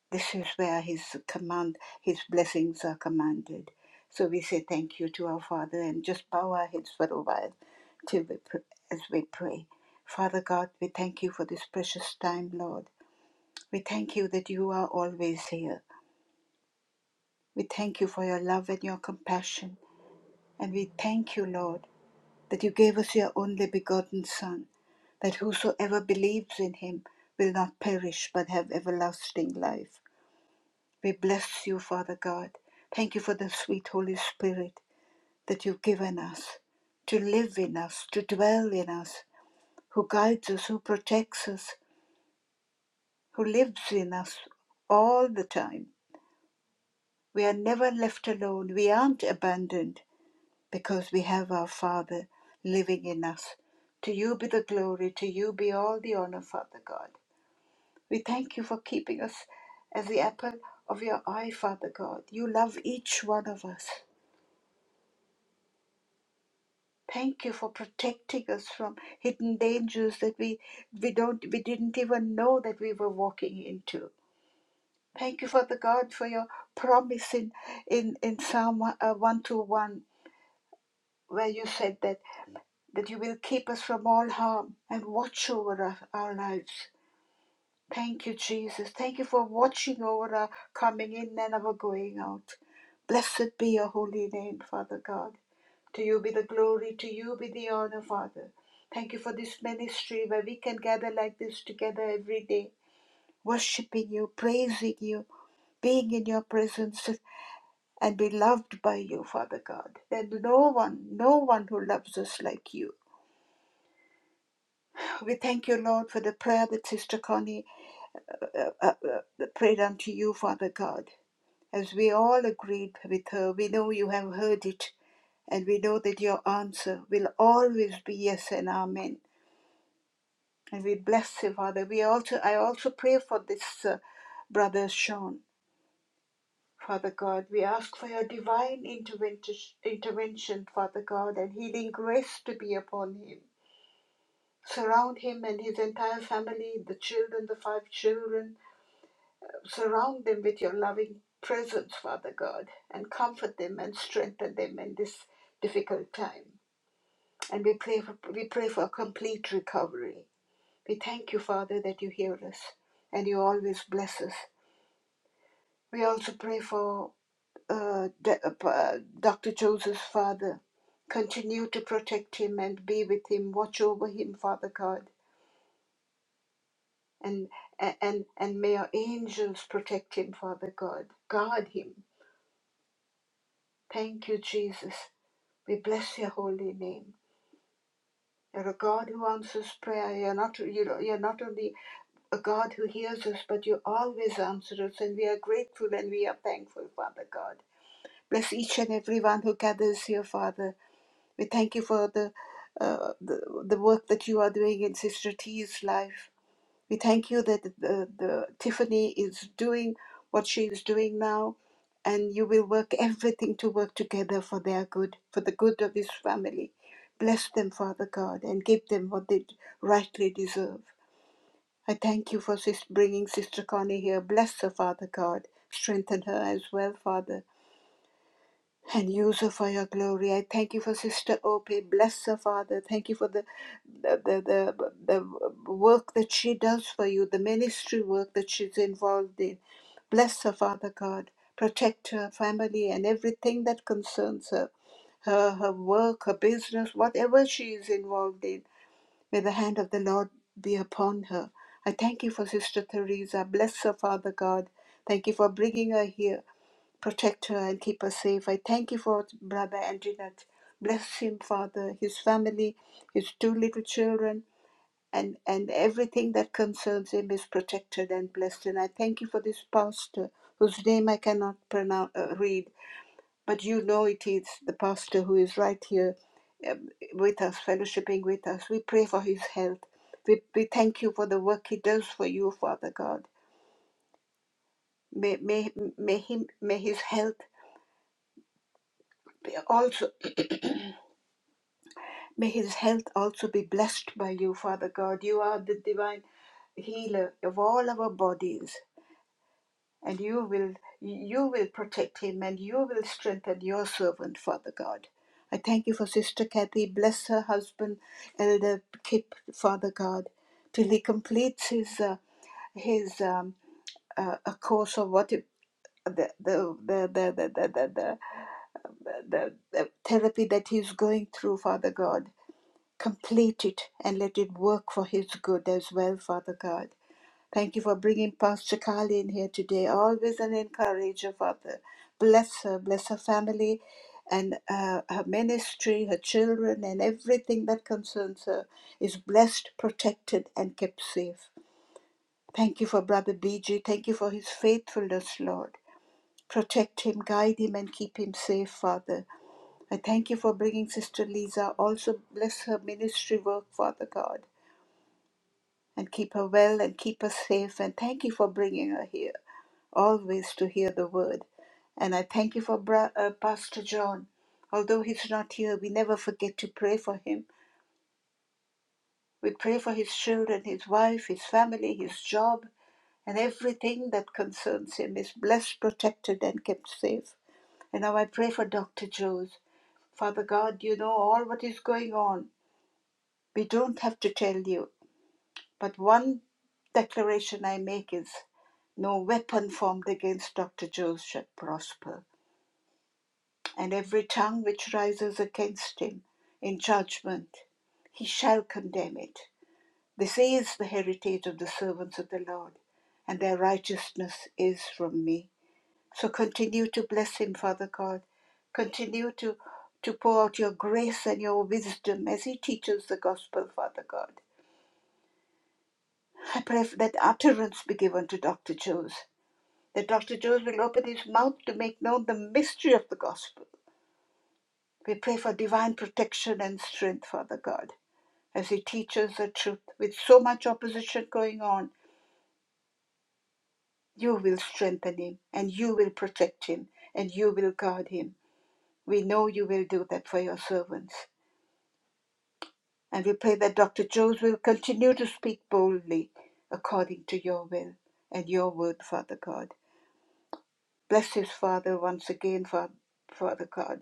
This is where his command, his blessings are commanded. So we say thank you to our Father and just bow our heads for a while till we pr- as we pray. Father God, we thank you for this precious time, Lord. We thank you that you are always here. We thank you for your love and your compassion. And we thank you, Lord, that you gave us your only begotten Son, that whosoever believes in him will not perish but have everlasting life. We bless you, Father God. Thank you for the sweet Holy Spirit that you've given us to live in us, to dwell in us, who guides us, who protects us, who lives in us all the time. We are never left alone. We aren't abandoned because we have our Father living in us. To you be the glory. To you be all the honor, Father God. We thank you for keeping us as the apple of your eye, Father God. You love each one of us. Thank you for protecting us from hidden dangers that we, we don't we didn't even know that we were walking into. Thank you, Father God, for your promise in in, in Psalm uh, 121, where you said that, that you will keep us from all harm and watch over our, our lives. Thank you, Jesus. Thank you for watching over our coming in and our going out. Blessed be your holy name, Father God. To you be the glory, to you be the honor, Father. Thank you for this ministry where we can gather like this together every day, worshiping you, praising you, being in your presence, and be loved by you, Father God. There's no one, no one who loves us like you. We thank you, Lord, for the prayer that Sister Connie uh, uh, uh, prayed unto you, Father God. As we all agreed with her, we know you have heard it, and we know that your answer will always be yes and amen. And we bless you, Father. We also, I also pray for this uh, brother Sean, Father God. We ask for your divine intervention, intervention, Father God, and healing grace to be upon him. Surround him and his entire family, the children, the five children, Surround them with your loving presence, Father God, and comfort them and strengthen them in this difficult time. And we pray for, we pray for a complete recovery. We thank you, Father, that you hear us and you always bless us. We also pray for uh, uh, Dr. Joseph's father. Continue to protect him and be with him. Watch over him, Father God. And, and, and may our angels protect him, Father God. Guard him. Thank you, Jesus. We bless your holy name. You're a God who answers prayer. You're not, you're, not only a God who hears us, but you always answer us, and we are grateful and we are thankful, Father God. Bless each and every one who gathers here, Father. We thank you for the, uh, the, the work that you are doing in Sister T's life. We thank you that the, the Tiffany is doing what she is doing now, and you will work everything to work together for their good, for the good of this family. Bless them, Father God, and give them what they rightly deserve. I thank you for sis- bringing Sister Connie here. Bless her, Father God. Strengthen her as well, Father and use her for your glory. I thank you for Sister Opie. Bless her, Father. Thank you for the the, the, the, the work that she does for you, the ministry work that she's involved in. Bless her, Father God. Protect her family and everything that concerns her, her, her work, her business, whatever she is involved in. May the hand of the Lord be upon her. I thank you for Sister Teresa. Bless her, Father God. Thank you for bringing her here protect her and keep her safe. I thank you for Brother Anjanette. Bless him, Father, his family, his two little children, and, and everything that concerns him is protected and blessed. And I thank you for this pastor whose name I cannot pronounce, uh, read, but you know it is the pastor who is right here um, with us, fellowshipping with us. We pray for his health. We, we thank you for the work he does for you, Father God. May, may, may, him, may his health also May his health also be blessed by you, Father God. You are the divine healer of all our bodies, and you will you will protect him and you will strengthen your servant, Father God. I thank you for Sister Kathy. Bless her husband, Elder Kip, Father God, till he completes his uh, his um, uh, a course of what it, the, the, the, the, the, the, the, the the the therapy that he's going through, Father God complete it and let it work for his good as well, Father God. Thank you for bringing Pastor Carly in here today. Always an encourager, Father. Bless her, bless her family and uh, her ministry, her children, and everything that concerns her is blessed, protected, and kept safe. Thank you for Brother BG. Thank you for his faithfulness, Lord. Protect him, guide him, and keep him safe, Father. I thank you for bringing Sister Lisa. Also, bless her ministry work, Father God. and keep her well and keep her safe. And thank you for bringing her here always to hear the word. And I thank you for Bra- uh, Pastor John. Although he's not here, we never forget to pray for him. We pray for his children, his wife, his family, his job, and everything that concerns him is blessed, protected, and kept safe. And now I pray for Dr. Joes. Father God, you know all what is going on. We don't have to tell you. But one declaration I make is no weapon formed against Dr. Joe shall prosper, and every tongue which rises against him in judgment, he shall condemn it. This is the heritage of the servants of the Lord, and their righteousness is from me. So continue to bless him, Father God. Continue to, to pour out your grace and your wisdom as he teaches the gospel, Father God. I pray that utterance be given to Dr. Joes that Dr. Jones will open his mouth to make known the mystery of the gospel. We pray for divine protection and strength, Father God, as he teaches the truth. With so much opposition going on, you will strengthen him, and you will protect him, and you will guard him. We know you will do that for your servants. And we pray that Dr. Jones will continue to speak boldly according to your will and your word, Father God. Bless his father once again, Father God.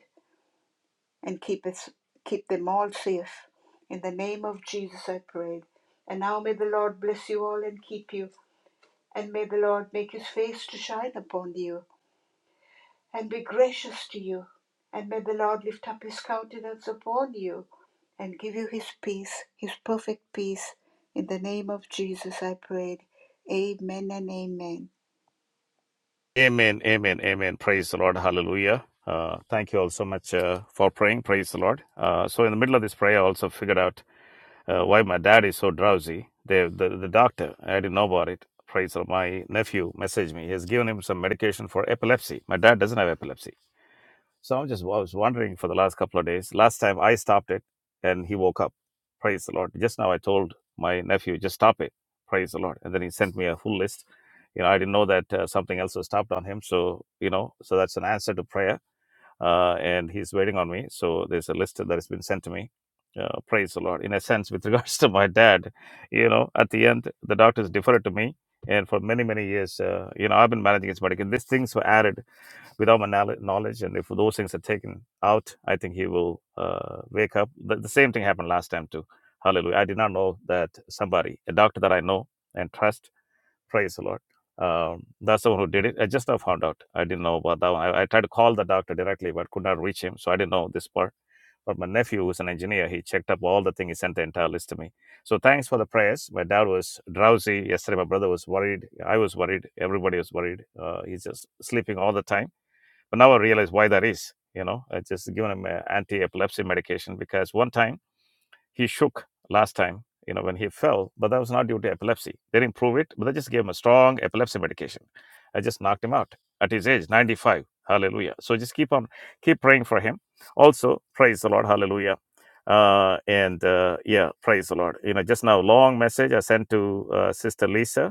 and keep us keep them all safe. In the name of Jesus I pray. And now may the Lord bless you all and keep you, and may the Lord make his face to shine upon you and be gracious to you, and may the Lord lift up his countenance upon you and give you his peace, his perfect peace. In the name of Jesus I prayed. Amen and amen. Amen, amen, amen. Praise the Lord. Hallelujah. Uh, thank you all so much uh, for praying. Praise the Lord. Uh, so, in the middle of this prayer, I also figured out uh, why my dad is so drowsy. The, the the doctor, I didn't know about it. Praise the Lord. My nephew messaged me. He has given him some medication for epilepsy. My dad doesn't have epilepsy. So I'm just I was wondering for the last couple of days. Last time I stopped it, and he woke up. Praise the Lord. Just now I told my nephew just stop it. Praise the Lord. And then he sent me a full list. You know, I didn't know that uh, something else was stopped on him. So you know, so that's an answer to prayer. Uh, and he's waiting on me. So there's a list that has been sent to me. Uh, praise the Lord. In a sense, with regards to my dad, you know, at the end the doctors deferred to me. And for many many years, uh, you know, I've been managing his medical. These things were added without my knowledge. And if those things are taken out, I think he will uh, wake up. The, the same thing happened last time too. Hallelujah. I did not know that somebody, a doctor that I know and trust, praise the Lord. Um, that's the one who did it. I just now found out. I didn't know about that one. I, I tried to call the doctor directly, but could not reach him. So I didn't know this part. But my nephew, who's an engineer, he checked up all the things. He sent the entire list to me. So thanks for the prayers. My dad was drowsy yesterday. My brother was worried. I was worried. Everybody was worried. Uh, he's just sleeping all the time but now I realize why that is. You know, I just given him uh, anti-epilepsy medication because one time he shook last time. You know, when he fell, but that was not due to epilepsy. They didn't prove it, but they just gave him a strong epilepsy medication. I just knocked him out at his age, 95. Hallelujah. So just keep on, keep praying for him. Also, praise the Lord. Hallelujah. Uh, and uh, yeah, praise the Lord. You know, just now, long message I sent to uh, Sister Lisa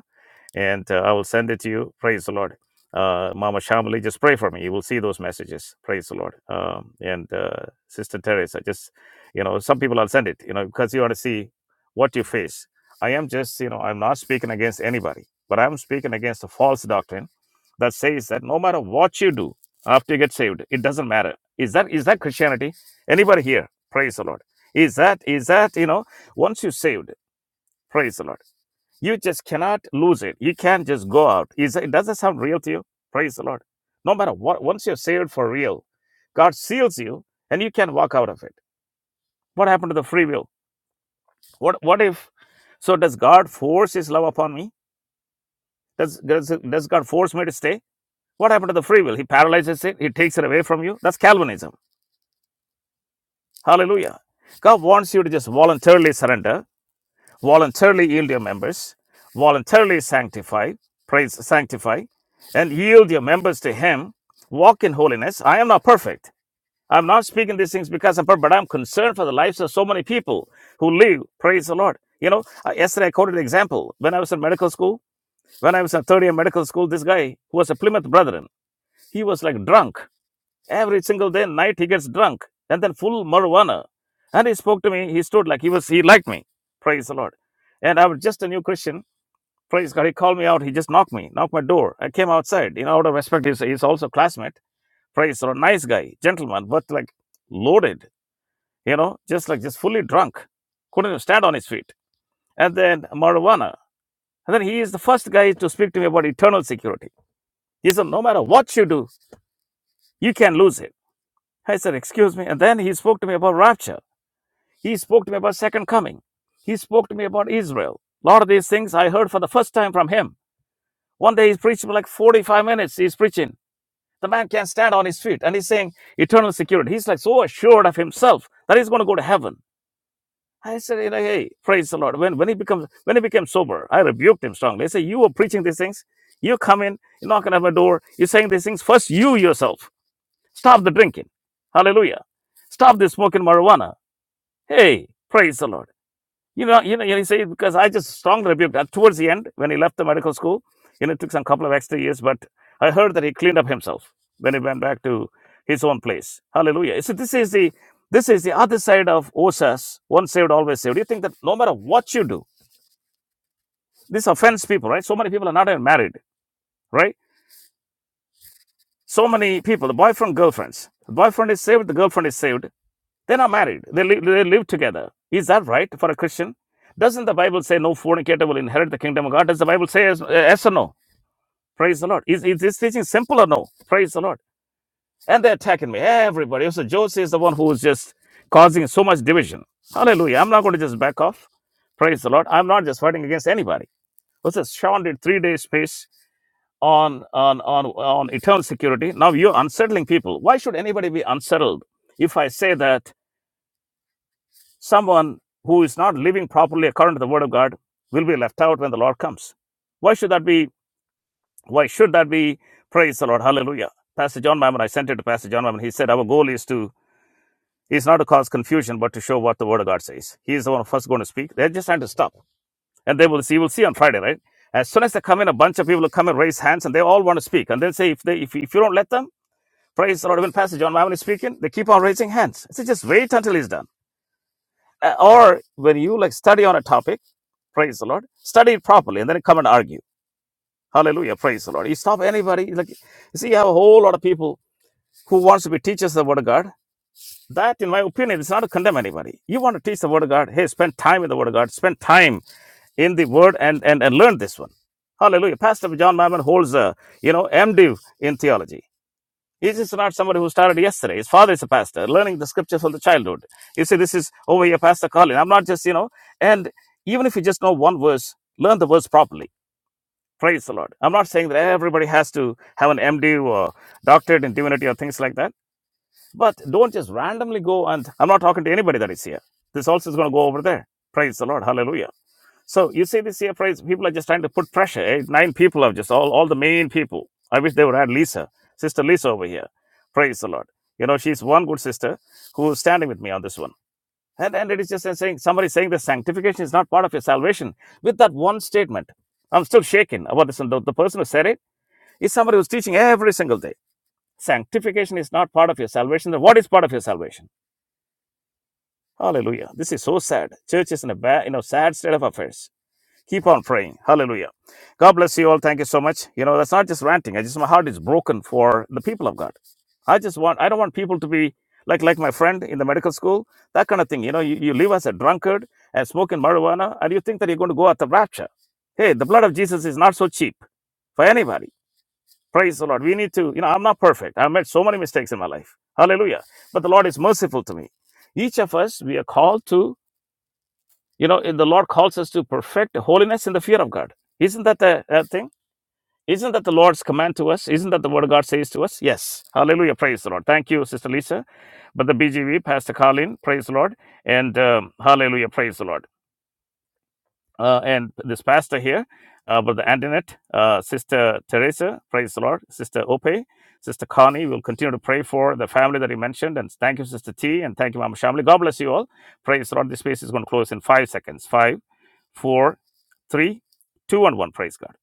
and uh, I will send it to you. Praise the Lord. Uh, Mama Shamali, just pray for me. You will see those messages. Praise the Lord. Um, and uh, Sister Teresa, just, you know, some people I'll send it, you know, because you want to see what you face. I am just, you know, I'm not speaking against anybody, but I'm speaking against a false doctrine that says that no matter what you do after you get saved, it doesn't matter. Is that is that Christianity? Anybody here? Praise the Lord. Is that is that you know once you're saved? Praise the Lord you just cannot lose it. You can't just go out. Is it does that sound real to you? Praise the Lord. No matter what, once you're saved for real, God seals you, and you can walk out of it. What happened to the free will? What What if? So does God force His love upon me? Does Does, does God force me to stay? What happened to the free will? He paralyzes it. He takes it away from you. That's Calvinism. Hallelujah. God wants you to just voluntarily surrender voluntarily yield your members, voluntarily sanctify, praise, sanctify, and yield your members to Him. Walk in holiness. I am not perfect. I'm not speaking these things because I'm perfect, but I'm concerned for the lives of so many people who live. Praise the Lord. You know, uh, yesterday I quoted an example. When I was in medical school, when I was in third year medical school, this guy who was a Plymouth Brethren, he was like drunk Every single day, night he gets drunk and then full marijuana. And he spoke to me. He stood like he was, he liked me. Praise the Lord. And I was just a new Christian. Praise God. He called me out. He just knocked me, knocked my door. I came outside. You know, out of respect, he's, he's also a classmate. Praise the Lord. Nice guy, gentleman, but like loaded, you know, just like just fully drunk. Couldn't stand on his feet. And then marijuana. And then he is the first guy to speak to me about eternal security. He said, no matter what you do, you can lose it. I said, excuse me. And then he spoke to me about rapture. He spoke to me about second coming. He spoke to me about Israel. A lot of these things I heard for the first time from him. One day he's preaching for like 45 minutes. He's preaching. The man can't stand on his feet and he's saying eternal security. He's like so assured of himself that he's going to go to heaven. I said, you know, hey, praise the Lord. When when he becomes when he became sober, I rebuked him strongly. I said, You were preaching these things. You come in, you're knocking at my door, you're saying these things. First, you yourself. Stop the drinking. Hallelujah. Stop the smoking marijuana. Hey, praise the Lord. You know, you know, you say it because I just strongly rebuked that towards the end when he left the medical school. You know, it took some couple of extra years, but I heard that he cleaned up himself when he went back to his own place. Hallelujah. So this is the this is the other side of OSAS, once saved, always saved. You think that no matter what you do, this offends people, right? So many people are not even married, right? So many people, the boyfriend, girlfriends. The boyfriend is saved, the girlfriend is saved They're not married. They live, they live together. Is that right for a Christian? Doesn't the Bible say no fornicator will inherit the kingdom of God? Does the Bible say yes, yes or no? Praise the Lord. Is, is this teaching simple or no? Praise the Lord. And they're attacking me. Everybody. So Joseph is the one who is just causing so much division. Hallelujah. I'm not going to just back off. Praise the Lord. I'm not just fighting against anybody. What's this? Sean did three days space on, on, on, on eternal security. Now you're unsettling people. Why should anybody be unsettled if I say that? Someone who is not living properly according to the word of God will be left out when the Lord comes. Why should that be? Why should that be? Praise the Lord. Hallelujah. Pastor John Mammon, I sent it to Pastor John Mammon. He said, Our goal is to is not to cause confusion, but to show what the word of God says. He is the one first going to speak. They're just trying to stop. And they will see, we'll see on Friday, right? As soon as they come in, a bunch of people will come and raise hands and they all want to speak. And they'll say, if they if, if you don't let them, praise the Lord, when Pastor John Mammon is speaking, they keep on raising hands. So just wait until he's done. Uh, or when you like study on a topic, praise the Lord, study it properly and then come and argue. Hallelujah, praise the Lord. You stop anybody, like you see, you have a whole lot of people who wants to be teachers of the word of God. That, in my opinion, is not to condemn anybody. You want to teach the word of God, hey, spend time in the word of God, spend time in the word and and, and learn this one. Hallelujah. Pastor John Mammon holds a you know MDiv in theology. He is not somebody who started yesterday. His father is a pastor, learning the scriptures from the childhood. You see, this is over here, Pastor Colin. I'm not just, you know, and even if you just know one verse, learn the verse properly. Praise the Lord. I'm not saying that everybody has to have an MD or doctorate in divinity or things like that, but don't just randomly go and I'm not talking to anybody that is here. This also is going to go over there. Praise the Lord. Hallelujah. So you see this here price, people are just trying to put pressure. eh? Nine people have just all, all the main people. I wish they would add Lisa, sister Lisa over here. Praise the Lord. You know, she's one good sister who's standing with me on this one. And and it is just saying somebody saying that sanctification is not part of your salvation. With that one statement, I'm still shaken about this. And the, the person who said it is somebody who's teaching every single day. Sanctification is not part of your salvation. Then what is part of your salvation? Hallelujah. This is so sad. Church is in a bad, you know, sad state of affairs Keep on praying. Hallelujah. God bless you all. Thank you so much. You know, that's not just ranting. I just my heart is broken for the people of God. I just want I don't want people to be like like my friend in the medical school, that kind of thing. You know, you, you live as a drunkard and smoking marijuana, and you think that you're going to go at the rapture. Hey, the blood of Jesus is not so cheap for anybody. Praise the Lord. We need to, you know, I'm not perfect. I've made so many mistakes in my life. Hallelujah. But the Lord is merciful to me. Each of us, we are called to you know, the Lord calls us to perfect holiness in the fear of God. Isn't that a, a thing? Isn't that the Lord's command to us? Isn't that the word of God says to us? Yes. Hallelujah. Praise the Lord. Thank you, Sister Lisa. But the BGV, Pastor Colin, praise the Lord. And um, hallelujah. Praise the Lord uh, and this pastor here, uh, Brother Antoinette, uh, Sister Teresa, praise the Lord, Sister Ope, Sister Connie. We'll continue to pray for the family that you mentioned. And thank you, Sister T, and thank you, Mama Shamli. God bless you all. Praise the Lord. This space is going to close in five seconds. Five, four, three, two, and one. Praise God.